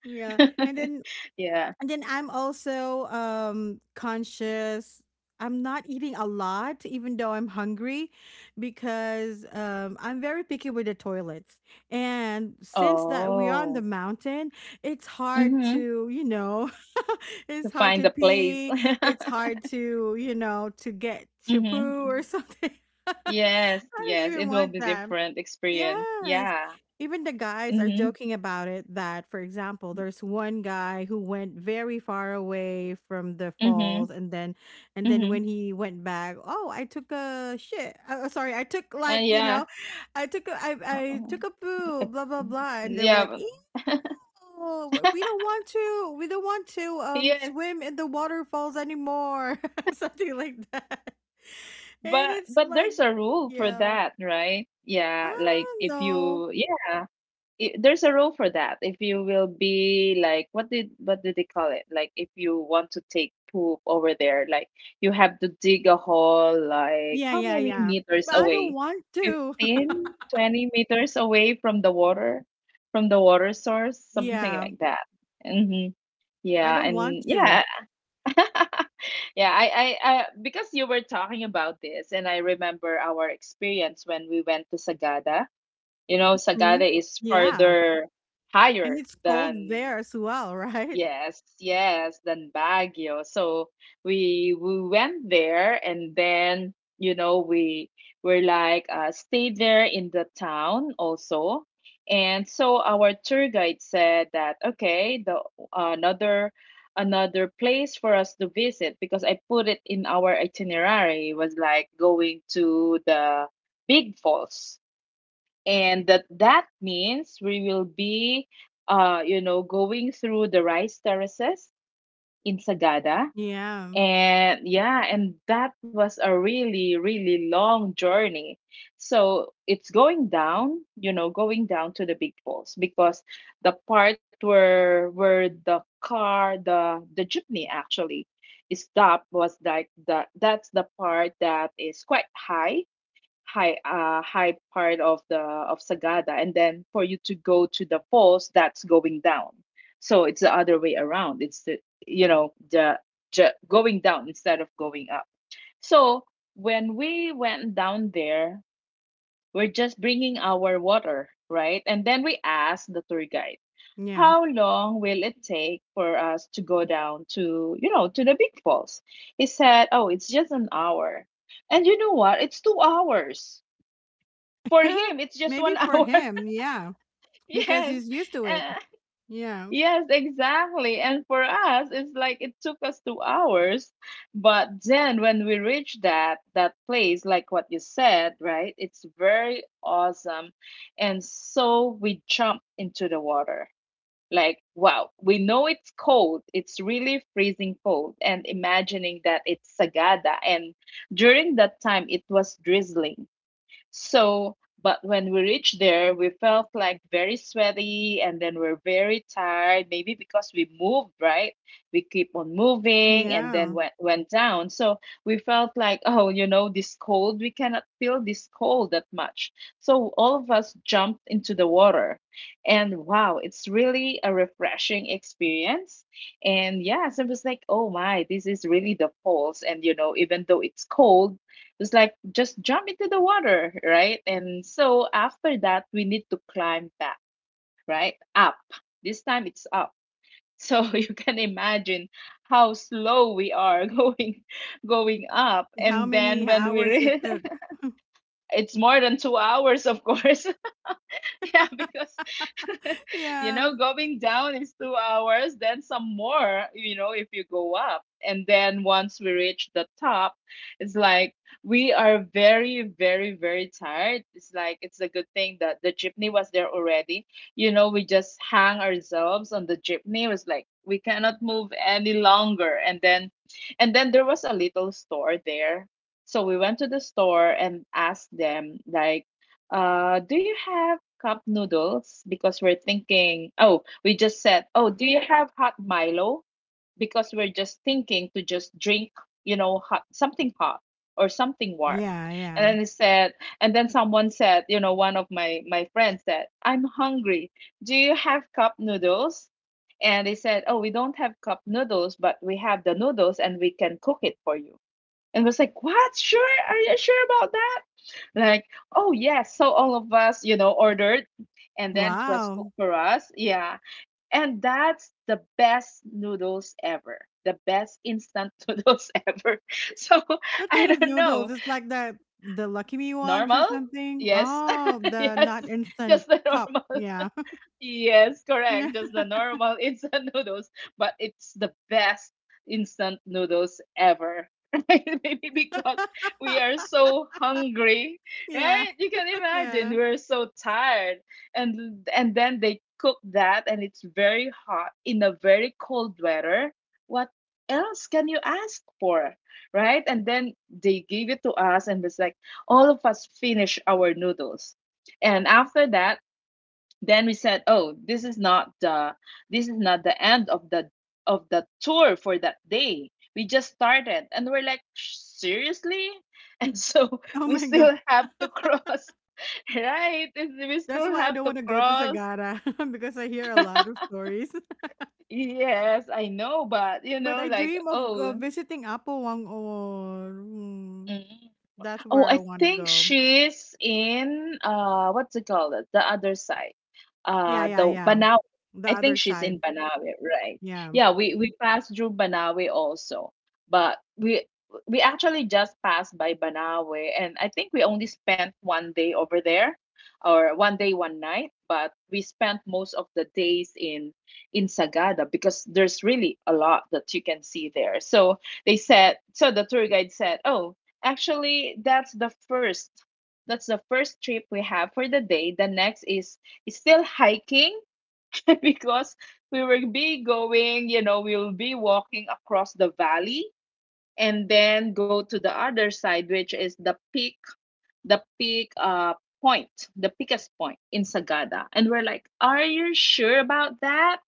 Speaker 1: Yeah. And
Speaker 2: *laughs*
Speaker 1: then,
Speaker 2: Yeah.
Speaker 1: I'm also, conscious. I'm not eating a lot even though I'm hungry because, I'm very picky with the toilets. And since that we are on the
Speaker 2: Oh.
Speaker 1: mountain, it's hard
Speaker 2: Mhm.
Speaker 1: to, you know, *laughs*
Speaker 2: To
Speaker 1: it's hard
Speaker 2: find
Speaker 1: to
Speaker 2: a place. *laughs*
Speaker 1: pee, it's hard to get to poo or
Speaker 2: Hmm.
Speaker 1: something. *laughs*
Speaker 2: Yes,
Speaker 1: I don't
Speaker 2: yes, it
Speaker 1: even
Speaker 2: will
Speaker 1: want
Speaker 2: be
Speaker 1: that.
Speaker 2: different experience.
Speaker 1: Yes.
Speaker 2: Yeah.
Speaker 1: Even the guys are
Speaker 2: Mm-hmm.
Speaker 1: joking about it that, for example, there's one guy who went very far away from the
Speaker 2: Mm-hmm.
Speaker 1: falls, and then,
Speaker 2: Hmm.
Speaker 1: when he went back, oh, I took a shit. Sorry, I took like, you
Speaker 2: Yeah.
Speaker 1: know, I took a, I, I
Speaker 2: Oh.
Speaker 1: took a
Speaker 2: uh,
Speaker 1: poo, blah blah blah. And they were
Speaker 2: Yeah,
Speaker 1: like,
Speaker 2: but-.
Speaker 1: ew, we don't want to
Speaker 2: Yes.
Speaker 1: swim in the waterfalls anymore. *laughs* Something like that. *laughs* And it's
Speaker 2: But
Speaker 1: like,
Speaker 2: there's a rule for
Speaker 1: yeah,
Speaker 2: that, right?
Speaker 1: I
Speaker 2: Yeah. Like
Speaker 1: don't
Speaker 2: if
Speaker 1: know.
Speaker 2: you, yeah. There's a role for that, if you will, be like, what did they call it? Like, if you want to take poop over there, like, you have to dig a hole, like,
Speaker 1: Yeah,
Speaker 2: how
Speaker 1: yeah,
Speaker 2: many
Speaker 1: yeah.
Speaker 2: meters
Speaker 1: But I don't
Speaker 2: away?
Speaker 1: want to. *laughs*
Speaker 2: 15, 20 meters away from the water source, something
Speaker 1: Yeah,
Speaker 2: like that. Hmm.
Speaker 1: I
Speaker 2: Yeah,
Speaker 1: don't
Speaker 2: and
Speaker 1: want
Speaker 2: yeah.
Speaker 1: to.
Speaker 2: *laughs* Yeah, I because you were talking about this, and I remember our experience when we went to sagada. Sagada
Speaker 1: Mhm.
Speaker 2: is
Speaker 1: Yeah,
Speaker 2: further,
Speaker 1: and
Speaker 2: higher
Speaker 1: it's
Speaker 2: than,
Speaker 1: cold there as well, *laughs* right?
Speaker 2: yes, yes, than Baguio. So we went there, and then, we were like, stayed there in the town also. And so our tour guide said that, okay, the another another place for us to visit, because I put it in our itinerary, was like going to the Big Falls. And that means we will be going through the rice terraces in Sagada.
Speaker 1: Yeah,
Speaker 2: And yeah, and that was a really, really long journey. So it's going down, going down to the big falls, because the part where the car the jeepney actually stopped was like the that's the part that is quite high part of Sagada. And then for you to go to the falls, that's going down. So it's the other way around. It's the you know the going down instead of going up. So when we went down there, we're just bringing our water, right? And then we asked the tour guide,
Speaker 1: yeah.
Speaker 2: how long will it take for us to go down to you know to the big falls? He said, oh, it's just an hour. And you know what? It's 2 hours. For him,
Speaker 1: *laughs*
Speaker 2: it's just
Speaker 1: Maybe
Speaker 2: one
Speaker 1: for
Speaker 2: hour
Speaker 1: him, yeah,
Speaker 2: *laughs*
Speaker 1: because
Speaker 2: Yes.
Speaker 1: he's used to it.
Speaker 2: uh,
Speaker 1: Yeah,
Speaker 2: yes, exactly. And for us it's like, it took us 2 hours. But then when we reach that place, like what you said, right, it's very awesome. And so we jump into the water, like, wow, we know it's cold, it's really freezing cold. And imagining that it's sagada, and during that time it was drizzling. So, but when we reached there, we felt like very sweaty, and then we're very tired, maybe because we moved, right? We keep on moving and then
Speaker 1: yeah.
Speaker 2: went down. So we felt like, oh, you know, this cold, we cannot feel this cold that much. So all of us jumped into the water. And wow, it's really a refreshing experience. And yes, it was like, oh my, this is really the falls. And, you know, even though it's cold, it's like just jump into the water, right? And so after that, we need to climb back, right? Up. This time it's up. So *laughs* you can imagine how slow we are *laughs* going up.
Speaker 1: How
Speaker 2: And then
Speaker 1: many hours it took?
Speaker 2: *laughs* it's more than 2 hours, of course. *laughs* Yeah, because *laughs*
Speaker 1: *laughs*
Speaker 2: you
Speaker 1: Yeah,
Speaker 2: know, going down is 2 hours, then some more, you know, if you go up. And then once we reach the top, it's like we are very, very, very tired. It's like it's a good thing that the jeepney was there already. You know, we just hang ourselves on the jeepney. It was like we cannot move any longer. And then there was a little store there. So we went to the store and asked them, like, do you have cup noodles? Because we're thinking, oh, we just said, oh, do you have hot Milo? Because we're just thinking to just drink, you know, hot, something hot or something warm.
Speaker 1: yeah,
Speaker 2: And
Speaker 1: yeah.
Speaker 2: then they said, and then someone said, you know, one of my friends said, I'm hungry. Do you have cup noodles? And they said, oh, we don't have cup noodles, but we have the noodles and we can cook it for you. And was like, what? Sure? Are you sure about that? Like, oh yes, so all of us, you know, ordered, and then it was
Speaker 1: Wow.
Speaker 2: cooked for us. Yeah. And that's the best noodles ever. The best instant *laughs* noodles ever. So
Speaker 1: What kind
Speaker 2: I
Speaker 1: of
Speaker 2: don't
Speaker 1: noodles?
Speaker 2: know.
Speaker 1: It's like the Lucky Me ones or
Speaker 2: Normal?
Speaker 1: something?
Speaker 2: Yes.
Speaker 1: Oh,
Speaker 2: *laughs*
Speaker 1: the
Speaker 2: Yes.
Speaker 1: not instant
Speaker 2: Just the
Speaker 1: cup.
Speaker 2: normal.
Speaker 1: Yeah.
Speaker 2: Yes, correct. Just the
Speaker 1: *laughs*
Speaker 2: normal instant *laughs* noodles, but it's the best instant noodles ever. *laughs* Right? Maybe because we are so hungry,
Speaker 1: Yeah.
Speaker 2: right? You can imagine
Speaker 1: Yeah.
Speaker 2: we're so tired, and then they cook that, and it's very hot in a very cold weather. What else can you ask for, right? And then they gave it to us, and it's like all of us finish our noodles, and after that then we said, oh, this is not the, this is not the end of the, of the tour for that day. We just started. And we're like, seriously? And so *laughs*
Speaker 1: Oh
Speaker 2: we
Speaker 1: my god.
Speaker 2: still have to cross. *laughs* Right. And we
Speaker 1: That's
Speaker 2: still
Speaker 1: why I
Speaker 2: have
Speaker 1: don't
Speaker 2: to
Speaker 1: want to go to
Speaker 2: cross.
Speaker 1: Sagara *laughs* because I hear a lot of stories. *laughs*
Speaker 2: Yes, I know, but you
Speaker 1: But
Speaker 2: know,
Speaker 1: I
Speaker 2: like,
Speaker 1: dream of,
Speaker 2: oh,
Speaker 1: visiting Apowang, or
Speaker 2: mm.
Speaker 1: that's
Speaker 2: Oh,
Speaker 1: where I
Speaker 2: I
Speaker 1: want to
Speaker 2: think
Speaker 1: go.
Speaker 2: she's in what's it called? The other side.
Speaker 1: Yeah,
Speaker 2: Uh
Speaker 1: yeah,
Speaker 2: the
Speaker 1: yeah.
Speaker 2: Banawe.
Speaker 1: The
Speaker 2: I
Speaker 1: other
Speaker 2: think she's in
Speaker 1: side.
Speaker 2: Banawe, right?
Speaker 1: Yeah.
Speaker 2: Yeah, we passed through Banawe also. But we actually just passed by Banawe, and I think we only spent one day over there, or one day one night, but we spent most of the days in Sagada, because there's really a lot that you can see there. So they said, so the tour guide said, "Oh, actually, that's the first. That's the first trip we have for the day. The next is still hiking *laughs* because we will be going, you know, we'll be walking across the valley and then go to the other side, which is the peak point, the peakest point in Sagada. And we're like, are you sure about that?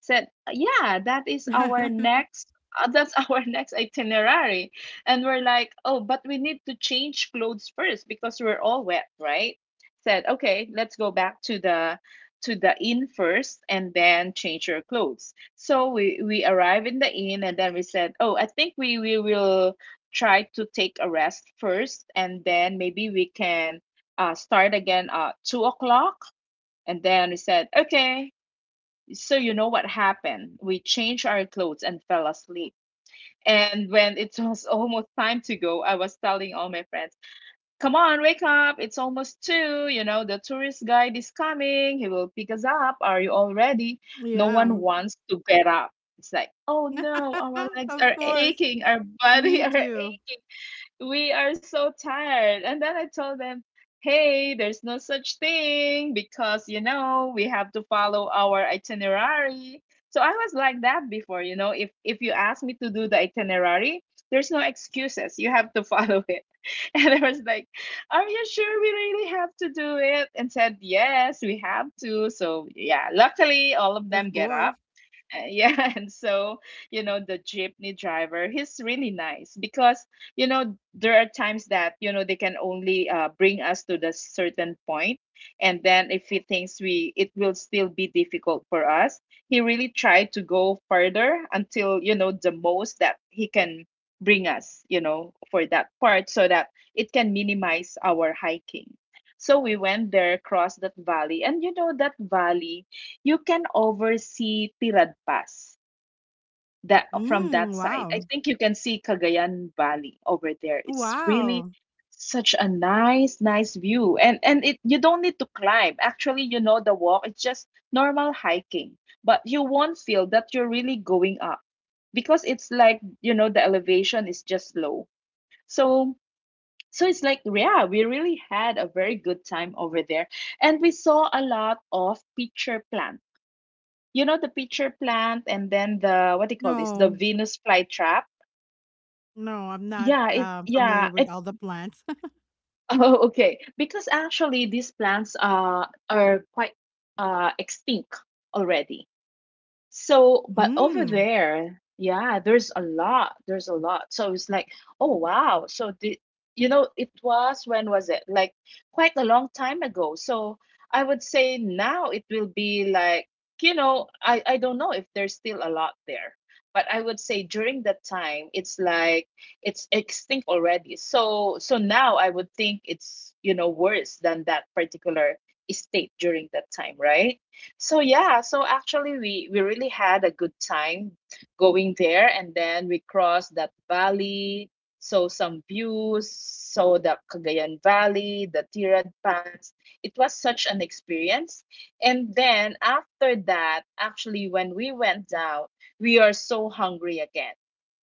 Speaker 2: Said, "Yeah, that is our
Speaker 1: *laughs*
Speaker 2: next that's *laughs* our next itinerary." And we're like, "Oh, but we need to change clothes first because we're all wet, right?" Said, "Okay, let's go back to the inn first and then change your clothes." So we arrive in the inn and then we said, "Oh, I think we will try to take a rest first and then maybe we can start again at 2 o'clock." And then we said, "Okay, so you know what happened? We changed our clothes and fell asleep. And when it *laughs* was almost time to go, I was telling all my friends, "Come on, wake up! It's almost two. You know the tourist guide is coming. He will pick us up. Are you all ready?" No
Speaker 1: Yeah.
Speaker 2: one wants to get up. It's like, "Oh no, our
Speaker 1: *laughs*
Speaker 2: legs
Speaker 1: Of
Speaker 2: are
Speaker 1: course.
Speaker 2: aching. Our body *laughs*
Speaker 1: Me
Speaker 2: are,
Speaker 1: too.
Speaker 2: we are so tired." And then I told them, hey, there's no such thing, because, you know, we have to follow our itinerary. So I was like that before, you know, if you ask me to do the itinerary, there's no excuses. You have to follow it. *laughs* And I was like, are you sure we really have to do it? And said, yes, we have to. So yeah, luckily all of them
Speaker 1: Of
Speaker 2: get
Speaker 1: course.
Speaker 2: up. Yeah, *laughs* and so, you know, the jeepney driver, he's really nice, because, you know, there are times that, you know, they can only bring us to the certain point. And then if he thinks we it will still be difficult for us, he really tried to go further until, you know, the most that he can bring us, you know, for that part so that it can minimize our hiking. So we went there across that valley. And you know, that valley, you can oversee Tirad Pass, that from
Speaker 1: Mm,
Speaker 2: that side. I
Speaker 1: wow.
Speaker 2: think you can see Cagayan Valley over there. It's really
Speaker 1: Wow.
Speaker 2: such a nice, nice view. And it, you don't need to climb. Actually, you know, the walk, it's just normal hiking. But you won't feel that you're really going up, because it's like, you know, the elevation is just low. So so it's like, yeah, we really had a very good time over there. And we saw a lot of pitcher plant, you know, the pitcher plant, and then the, what do you call this, the
Speaker 1: No.
Speaker 2: venus flytrap.
Speaker 1: No, I'm not, familiar
Speaker 2: Yeah
Speaker 1: with
Speaker 2: it
Speaker 1: all the plants.
Speaker 2: *laughs* oh okay, because actually these plants are quite extinct already. So,
Speaker 1: *laughs*
Speaker 2: but over
Speaker 1: Mm.
Speaker 2: there, yeah, there's a lot. There's a lot. So it's like, oh wow. So the, you know, it was, when was it? Like quite a long time ago. So I would say now it will be like, you know, I don't know if there's still a lot there, but I would say during that time it's like it's extinct already. So so now I would think it's, you know, worse than that particular estate during that time, right? So yeah, so actually we really had a good time going there, and then we crossed that valley, saw some views, saw the Cagayan Valley, the Tirad Pass. It was such an experience. And then after that, actually when we went down, we are so hungry again.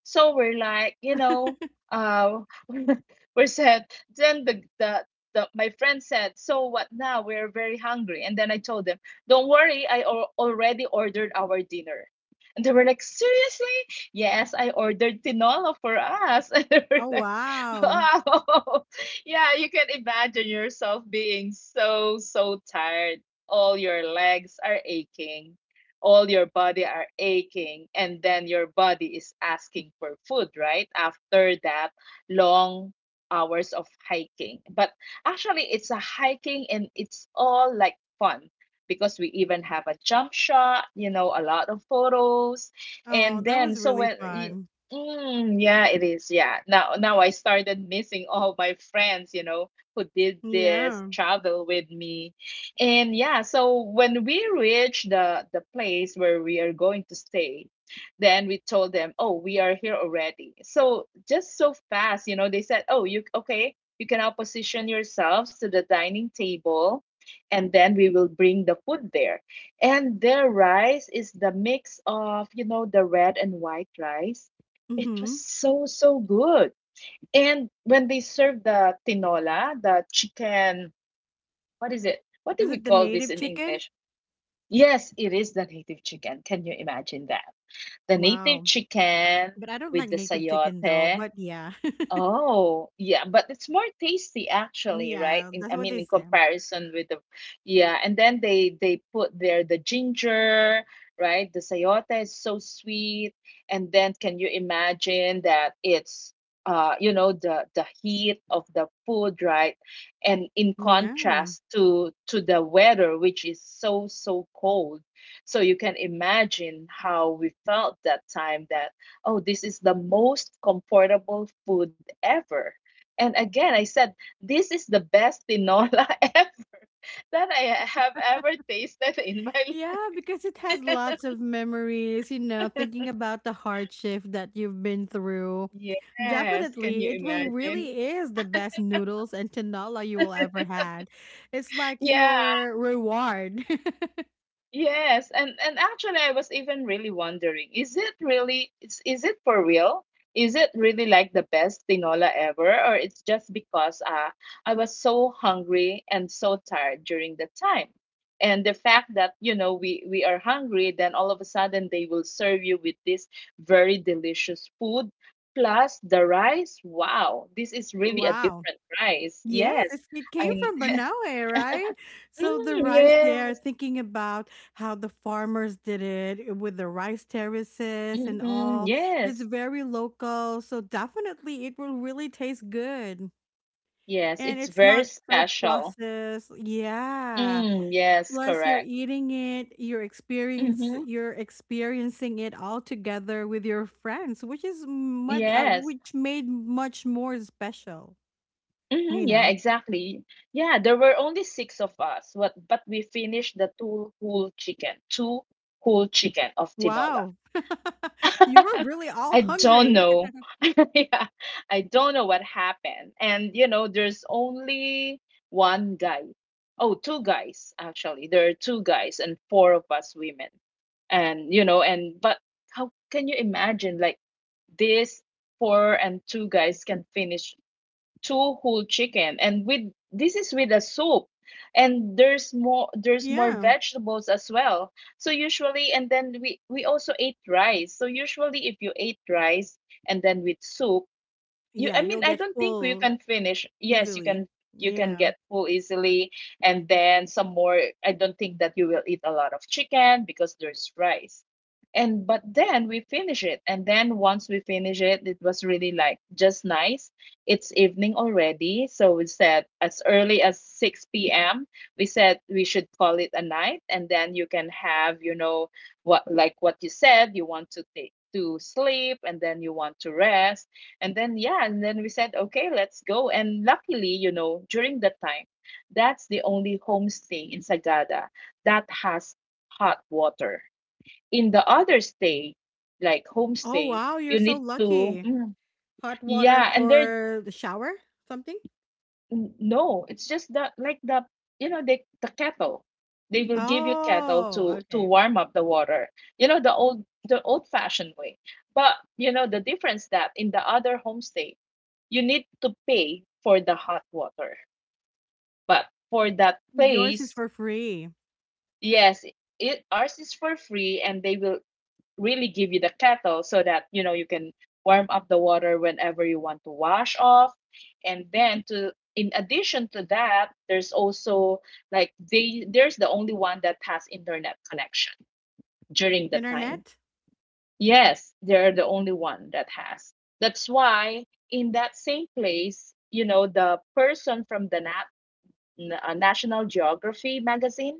Speaker 2: So we're like, uh *laughs* we said then the, my friend said, "So what now? We're very hungry." And then I told them, don't worry, I already ordered our dinner. And they were like, seriously? Yes, I ordered tinola for us. *laughs* And they were
Speaker 1: Oh,
Speaker 2: like, *laughs*
Speaker 1: wow.
Speaker 2: wow. *laughs* Yeah, you can imagine yourself being so, so tired. All your legs are aching, all your body are aching, and then your body is asking for food, right? After that long hours of hiking. But actually, it's a hiking and it's all like fun because we even have a jump shot, a lot of photos.
Speaker 1: Oh,
Speaker 2: And
Speaker 1: that
Speaker 2: then,
Speaker 1: was
Speaker 2: so
Speaker 1: really
Speaker 2: when
Speaker 1: fun.
Speaker 2: mm, yeah, it is. Yeah. Now I started missing all my friends, who did this
Speaker 1: Yeah.
Speaker 2: travel with me. And yeah, so when we reached the place where we are going to stay, then we told them, "Oh, we are here already." So just so fast, they said, "Oh, you okay, you can now position yourselves to the dining table." And then we will bring the food there. And their rice is the mix of, the red and white rice. It was
Speaker 1: Mhm.
Speaker 2: so, so good. And when they serve the tinola, the chicken, what is it? What do
Speaker 1: Is
Speaker 2: we
Speaker 1: it the
Speaker 2: call this
Speaker 1: native
Speaker 2: in
Speaker 1: chicken?
Speaker 2: English? Yes, it is the native chicken. Can you imagine that? The native
Speaker 1: Wow.
Speaker 2: chicken
Speaker 1: But I don't
Speaker 2: with
Speaker 1: like
Speaker 2: the
Speaker 1: native chicken though,
Speaker 2: sayote.
Speaker 1: but yeah. *laughs*
Speaker 2: Oh, yeah, but it's more tasty actually, right?
Speaker 1: Yeah, that's
Speaker 2: I
Speaker 1: what
Speaker 2: mean,
Speaker 1: they
Speaker 2: in
Speaker 1: say.
Speaker 2: comparison with yeah, and then they put there the ginger, right? The sayote is so sweet, and then can you imagine that it's the heat of the food, right? And in
Speaker 1: Yeah.
Speaker 2: contrast to the weather, which is so so cold, so you can imagine how we felt that time that oh, this is the most comfortable food ever. And again, I said, this is the best tinola *laughs* ever that I have ever tasted in my
Speaker 1: Yeah,
Speaker 2: life.
Speaker 1: because it has lots of memories, thinking about the hardship that you've been through.
Speaker 2: Yes, can
Speaker 1: Definitely,
Speaker 2: you
Speaker 1: it will
Speaker 2: imagine?
Speaker 1: really is the best noodles and tinola you will ever had. It's like
Speaker 2: Yeah,
Speaker 1: your reward. *laughs*
Speaker 2: yes, and actually, I was even really wondering, is it really is it for real? Is it really like the best tinola ever, or it's just because I was so hungry and so tired during the time? And the fact that we are hungry, then all of a sudden they will serve you with this very delicious food plus the rice. Wow, this is really a
Speaker 1: Wow.
Speaker 2: different rice.
Speaker 1: Yes,
Speaker 2: Yes,
Speaker 1: it came
Speaker 2: I.
Speaker 1: from
Speaker 2: *laughs*
Speaker 1: Banaue, right? So the
Speaker 2: Mm,
Speaker 1: rice there,
Speaker 2: yes.
Speaker 1: thinking about how the farmers did it, with the rice terraces and
Speaker 2: Hmm,
Speaker 1: all, it's
Speaker 2: yes.
Speaker 1: very local. So definitely it will really taste good.
Speaker 2: Yes,
Speaker 1: And
Speaker 2: it's
Speaker 1: it's
Speaker 2: very
Speaker 1: not so
Speaker 2: special.
Speaker 1: processed. Yeah.
Speaker 2: Mm, yes,
Speaker 1: Plus you're
Speaker 2: correct.
Speaker 1: eating it,
Speaker 2: Mm-hmm.
Speaker 1: you're experiencing it all together with your friends, which is much,
Speaker 2: Yes.
Speaker 1: which made much more special,
Speaker 2: Mm-hmm.
Speaker 1: you
Speaker 2: Yeah,
Speaker 1: know?
Speaker 2: exactly. Yeah, there were only six of us, but we finished the two whole chicken of tinola.
Speaker 1: Wow. *laughs* You were
Speaker 2: *laughs*
Speaker 1: really all
Speaker 2: I don't
Speaker 1: hungry.
Speaker 2: know.
Speaker 1: *laughs*
Speaker 2: *laughs* Yeah, I don't know what happened. And you know, there's only one guy. Oh, two guys actually. There are two guys and four of us women. And you know, and but how can you imagine like this four and two guys can finish two whole chicken, and with this is with a soup, and there's more
Speaker 1: Yeah.
Speaker 2: vegetables as well. So usually, and then we also ate rice, so usually if you ate rice and then with soup, you
Speaker 1: Yeah,
Speaker 2: I mean,
Speaker 1: you'll
Speaker 2: I
Speaker 1: get
Speaker 2: don't think you
Speaker 1: full
Speaker 2: can finish. Yes, you
Speaker 1: easily.
Speaker 2: can. You can
Speaker 1: Yeah.
Speaker 2: get full easily, and then some more. I don't think that you will eat a lot of chicken because there's rice. And but then we finish it, and then once we finish it, it was really like just nice. It's evening already, so we said, as early as 6 p.m. we said we should call it a night, and then you can have, you know, what, like what you said, you want to take to sleep, and then you want to rest. And then, yeah, and then we said okay, let's go. And luckily, during that time, that's the only homestay in Sagada that has hot water. In the other stay, like
Speaker 1: Oh,
Speaker 2: homestay,
Speaker 1: wow, you're
Speaker 2: you
Speaker 1: so
Speaker 2: need to
Speaker 1: lucky. Hot water
Speaker 2: yeah, and there.
Speaker 1: for the shower? Something?
Speaker 2: No, it's just that like the, they, the kettle. They will give you kettle
Speaker 1: Oh,
Speaker 2: to
Speaker 1: okay.
Speaker 2: warm up the water. You know the old fashioned way. But you know the difference, that in the other homestay you need to pay for the hot water. But for that
Speaker 1: Yours is
Speaker 2: place,
Speaker 1: for free.
Speaker 2: yes, it ours is for free, and they will really give you the kettle so that, you can warm up the water whenever you want to wash off. And then, to in addition to that, there's also, like, they there's the only one that has internet connection during the time.
Speaker 1: Internet?
Speaker 2: Yes,
Speaker 1: Are
Speaker 2: they're
Speaker 1: you
Speaker 2: the only
Speaker 1: talking about
Speaker 2: one that
Speaker 1: internet
Speaker 2: has.
Speaker 1: connection or
Speaker 2: That's
Speaker 1: something?
Speaker 2: why in
Speaker 1: Do they
Speaker 2: that
Speaker 1: have
Speaker 2: same
Speaker 1: that
Speaker 2: place,
Speaker 1: one in
Speaker 2: the
Speaker 1: the
Speaker 2: person
Speaker 1: in the
Speaker 2: from the
Speaker 1: homestay that you're with?
Speaker 2: National Geography magazine,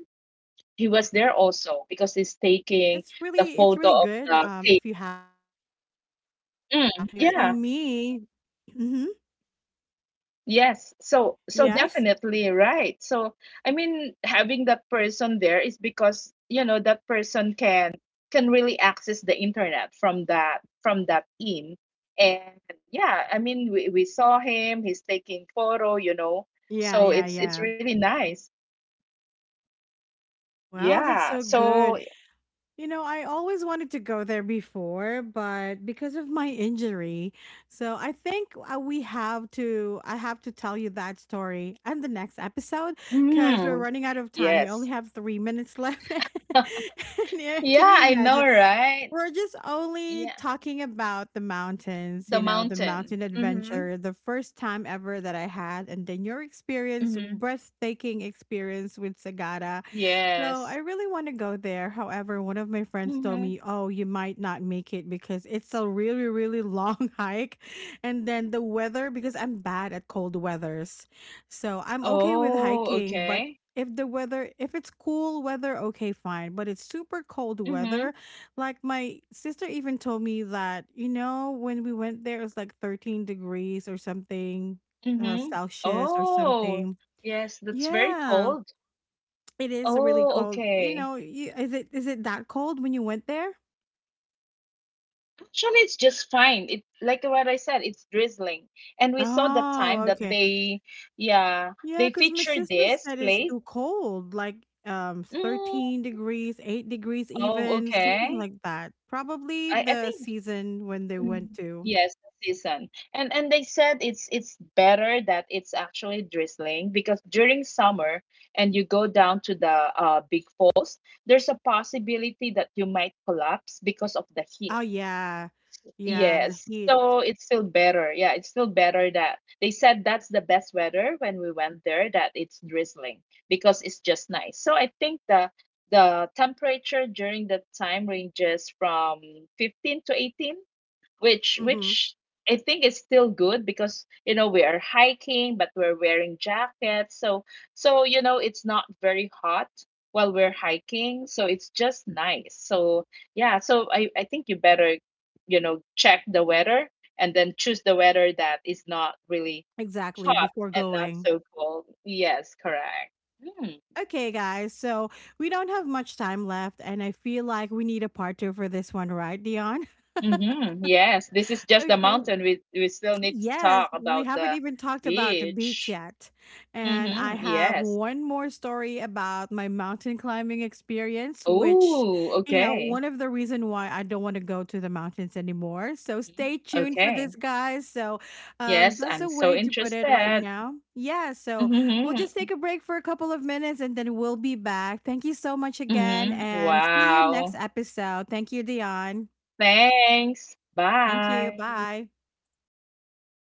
Speaker 2: he
Speaker 1: So,
Speaker 2: was there
Speaker 1: cause,
Speaker 2: also because he's
Speaker 1: it's
Speaker 2: taking
Speaker 1: really
Speaker 2: the
Speaker 1: good,
Speaker 2: photo of
Speaker 1: if you
Speaker 2: the cave.
Speaker 1: have those kind, because for
Speaker 2: Mm, yeah.
Speaker 1: me, hmm
Speaker 2: Yes,
Speaker 1: yes,
Speaker 2: so definitely, right? So I mean, having that person there is because that person can really access the internet from that in. And yeah, I mean, we saw him. He's taking photo.
Speaker 1: yeah,
Speaker 2: So
Speaker 1: yeah,
Speaker 2: it's
Speaker 1: yeah.
Speaker 2: really nice.
Speaker 1: Well, that's
Speaker 2: Yeah.
Speaker 1: so
Speaker 2: So
Speaker 1: good. You know, I always wanted to go there before, but because of my injury, so I think, we have to. I have to tell you that story and the next episode because we're
Speaker 2: mm,
Speaker 1: running out of time. We
Speaker 2: yes.
Speaker 1: only have 3 minutes left. *laughs* And yeah, can
Speaker 2: Yeah,
Speaker 1: you
Speaker 2: I know,
Speaker 1: imagine?
Speaker 2: right?
Speaker 1: We're just only
Speaker 2: Yeah,
Speaker 1: talking about the mountains,
Speaker 2: the
Speaker 1: the mountain
Speaker 2: mountain. Mm-hmm.
Speaker 1: adventure, the first time ever that I had, and then your experience,
Speaker 2: Mm-hmm.
Speaker 1: breathtaking experience with Sagada. So I
Speaker 2: Yes.
Speaker 1: really want to go there. However, one of my friends told
Speaker 2: Mm-hmm.
Speaker 1: me, "Oh, you might not make it because it's a really, really long *laughs* hike." And then the weather, because I'm bad at cold weathers. So I'm okay with
Speaker 2: Oh,
Speaker 1: hiking, but
Speaker 2: okay.
Speaker 1: if the weather, if it's cool weather, okay, fine. But it's super cold
Speaker 2: Mhm,
Speaker 1: weather. Like my sister even told me that, when we went there it was like 13 degrees or something,
Speaker 2: mhm.
Speaker 1: Celsius or
Speaker 2: Oh,
Speaker 1: something.
Speaker 2: yes, that's very
Speaker 1: Yeah.
Speaker 2: cold.
Speaker 1: It is really
Speaker 2: Oh,
Speaker 1: cold. You
Speaker 2: okay.
Speaker 1: know, you is it that cold when you went there?
Speaker 2: Actually, it's just fine. It like what I said, it's drizzling. And we saw that time
Speaker 1: Oh,
Speaker 2: that
Speaker 1: okay.
Speaker 2: yeah,
Speaker 1: Yeah,
Speaker 2: they
Speaker 1: because my
Speaker 2: featured
Speaker 1: sister
Speaker 2: this
Speaker 1: said it's
Speaker 2: place.
Speaker 1: too cold, like,
Speaker 2: Mm,
Speaker 1: 13 degrees, 8 degrees
Speaker 2: oh,
Speaker 1: even, something
Speaker 2: okay.
Speaker 1: like that. Probably
Speaker 2: I
Speaker 1: the
Speaker 2: think.
Speaker 1: season when they went
Speaker 2: Mm.
Speaker 1: to.
Speaker 2: Yes, the season. And they said it's better that it's actually drizzling because during summer, and you go down to the big falls, there's a possibility that you might collapse because of the heat.
Speaker 1: Oh, yeah. Yeah, the
Speaker 2: Yes.
Speaker 1: heat.
Speaker 2: So it's still better. Yeah, it's still better that they said that's the best weather, when we went there, that it's drizzling because it's just nice. So I think the temperature during that time ranges from 15 to 18, which
Speaker 1: Mhm.
Speaker 2: which I think is still good, because you know we are hiking but we're wearing jackets, so it's not very hot while we're hiking, so it's just nice. So yeah, so I think you better, check the weather and then choose the weather that is not really
Speaker 1: Exactly,
Speaker 2: hot
Speaker 1: before
Speaker 2: and not
Speaker 1: going.
Speaker 2: so cold. Yes, correct. Mm. Hmm.
Speaker 1: Okay, guys, so we don't have much time left, and I feel like we need a part two for this one, right, Dion?
Speaker 2: Mm-hmm. Yes, this is
Speaker 1: *laughs*
Speaker 2: just the
Speaker 1: Okay.
Speaker 2: mountain. We still need to
Speaker 1: Yes,
Speaker 2: talk
Speaker 1: we
Speaker 2: about
Speaker 1: haven't
Speaker 2: the
Speaker 1: even talked about the beach
Speaker 2: beach.
Speaker 1: yet. And I
Speaker 2: Mhm,
Speaker 1: have
Speaker 2: yes.
Speaker 1: one more story about my mountain climbing experience, which,
Speaker 2: Oh, okay.
Speaker 1: one of the reason why I don't want to go to the mountains anymore. So
Speaker 2: Mhm.
Speaker 1: stay tuned for
Speaker 2: Okay.
Speaker 1: this, guys. So,
Speaker 2: Yes,
Speaker 1: that's
Speaker 2: I'm
Speaker 1: a
Speaker 2: so
Speaker 1: way to put it right
Speaker 2: interested.
Speaker 1: now. Yeah, so we'll
Speaker 2: Mhm,
Speaker 1: just take a break for a couple of minutes and then we'll be back. Thank you so much again
Speaker 2: mhm.
Speaker 1: and see you next
Speaker 2: Wow.
Speaker 1: episode. Thank you, Dion.
Speaker 2: Thanks.
Speaker 1: Thank you.
Speaker 2: Bye.
Speaker 1: Bye.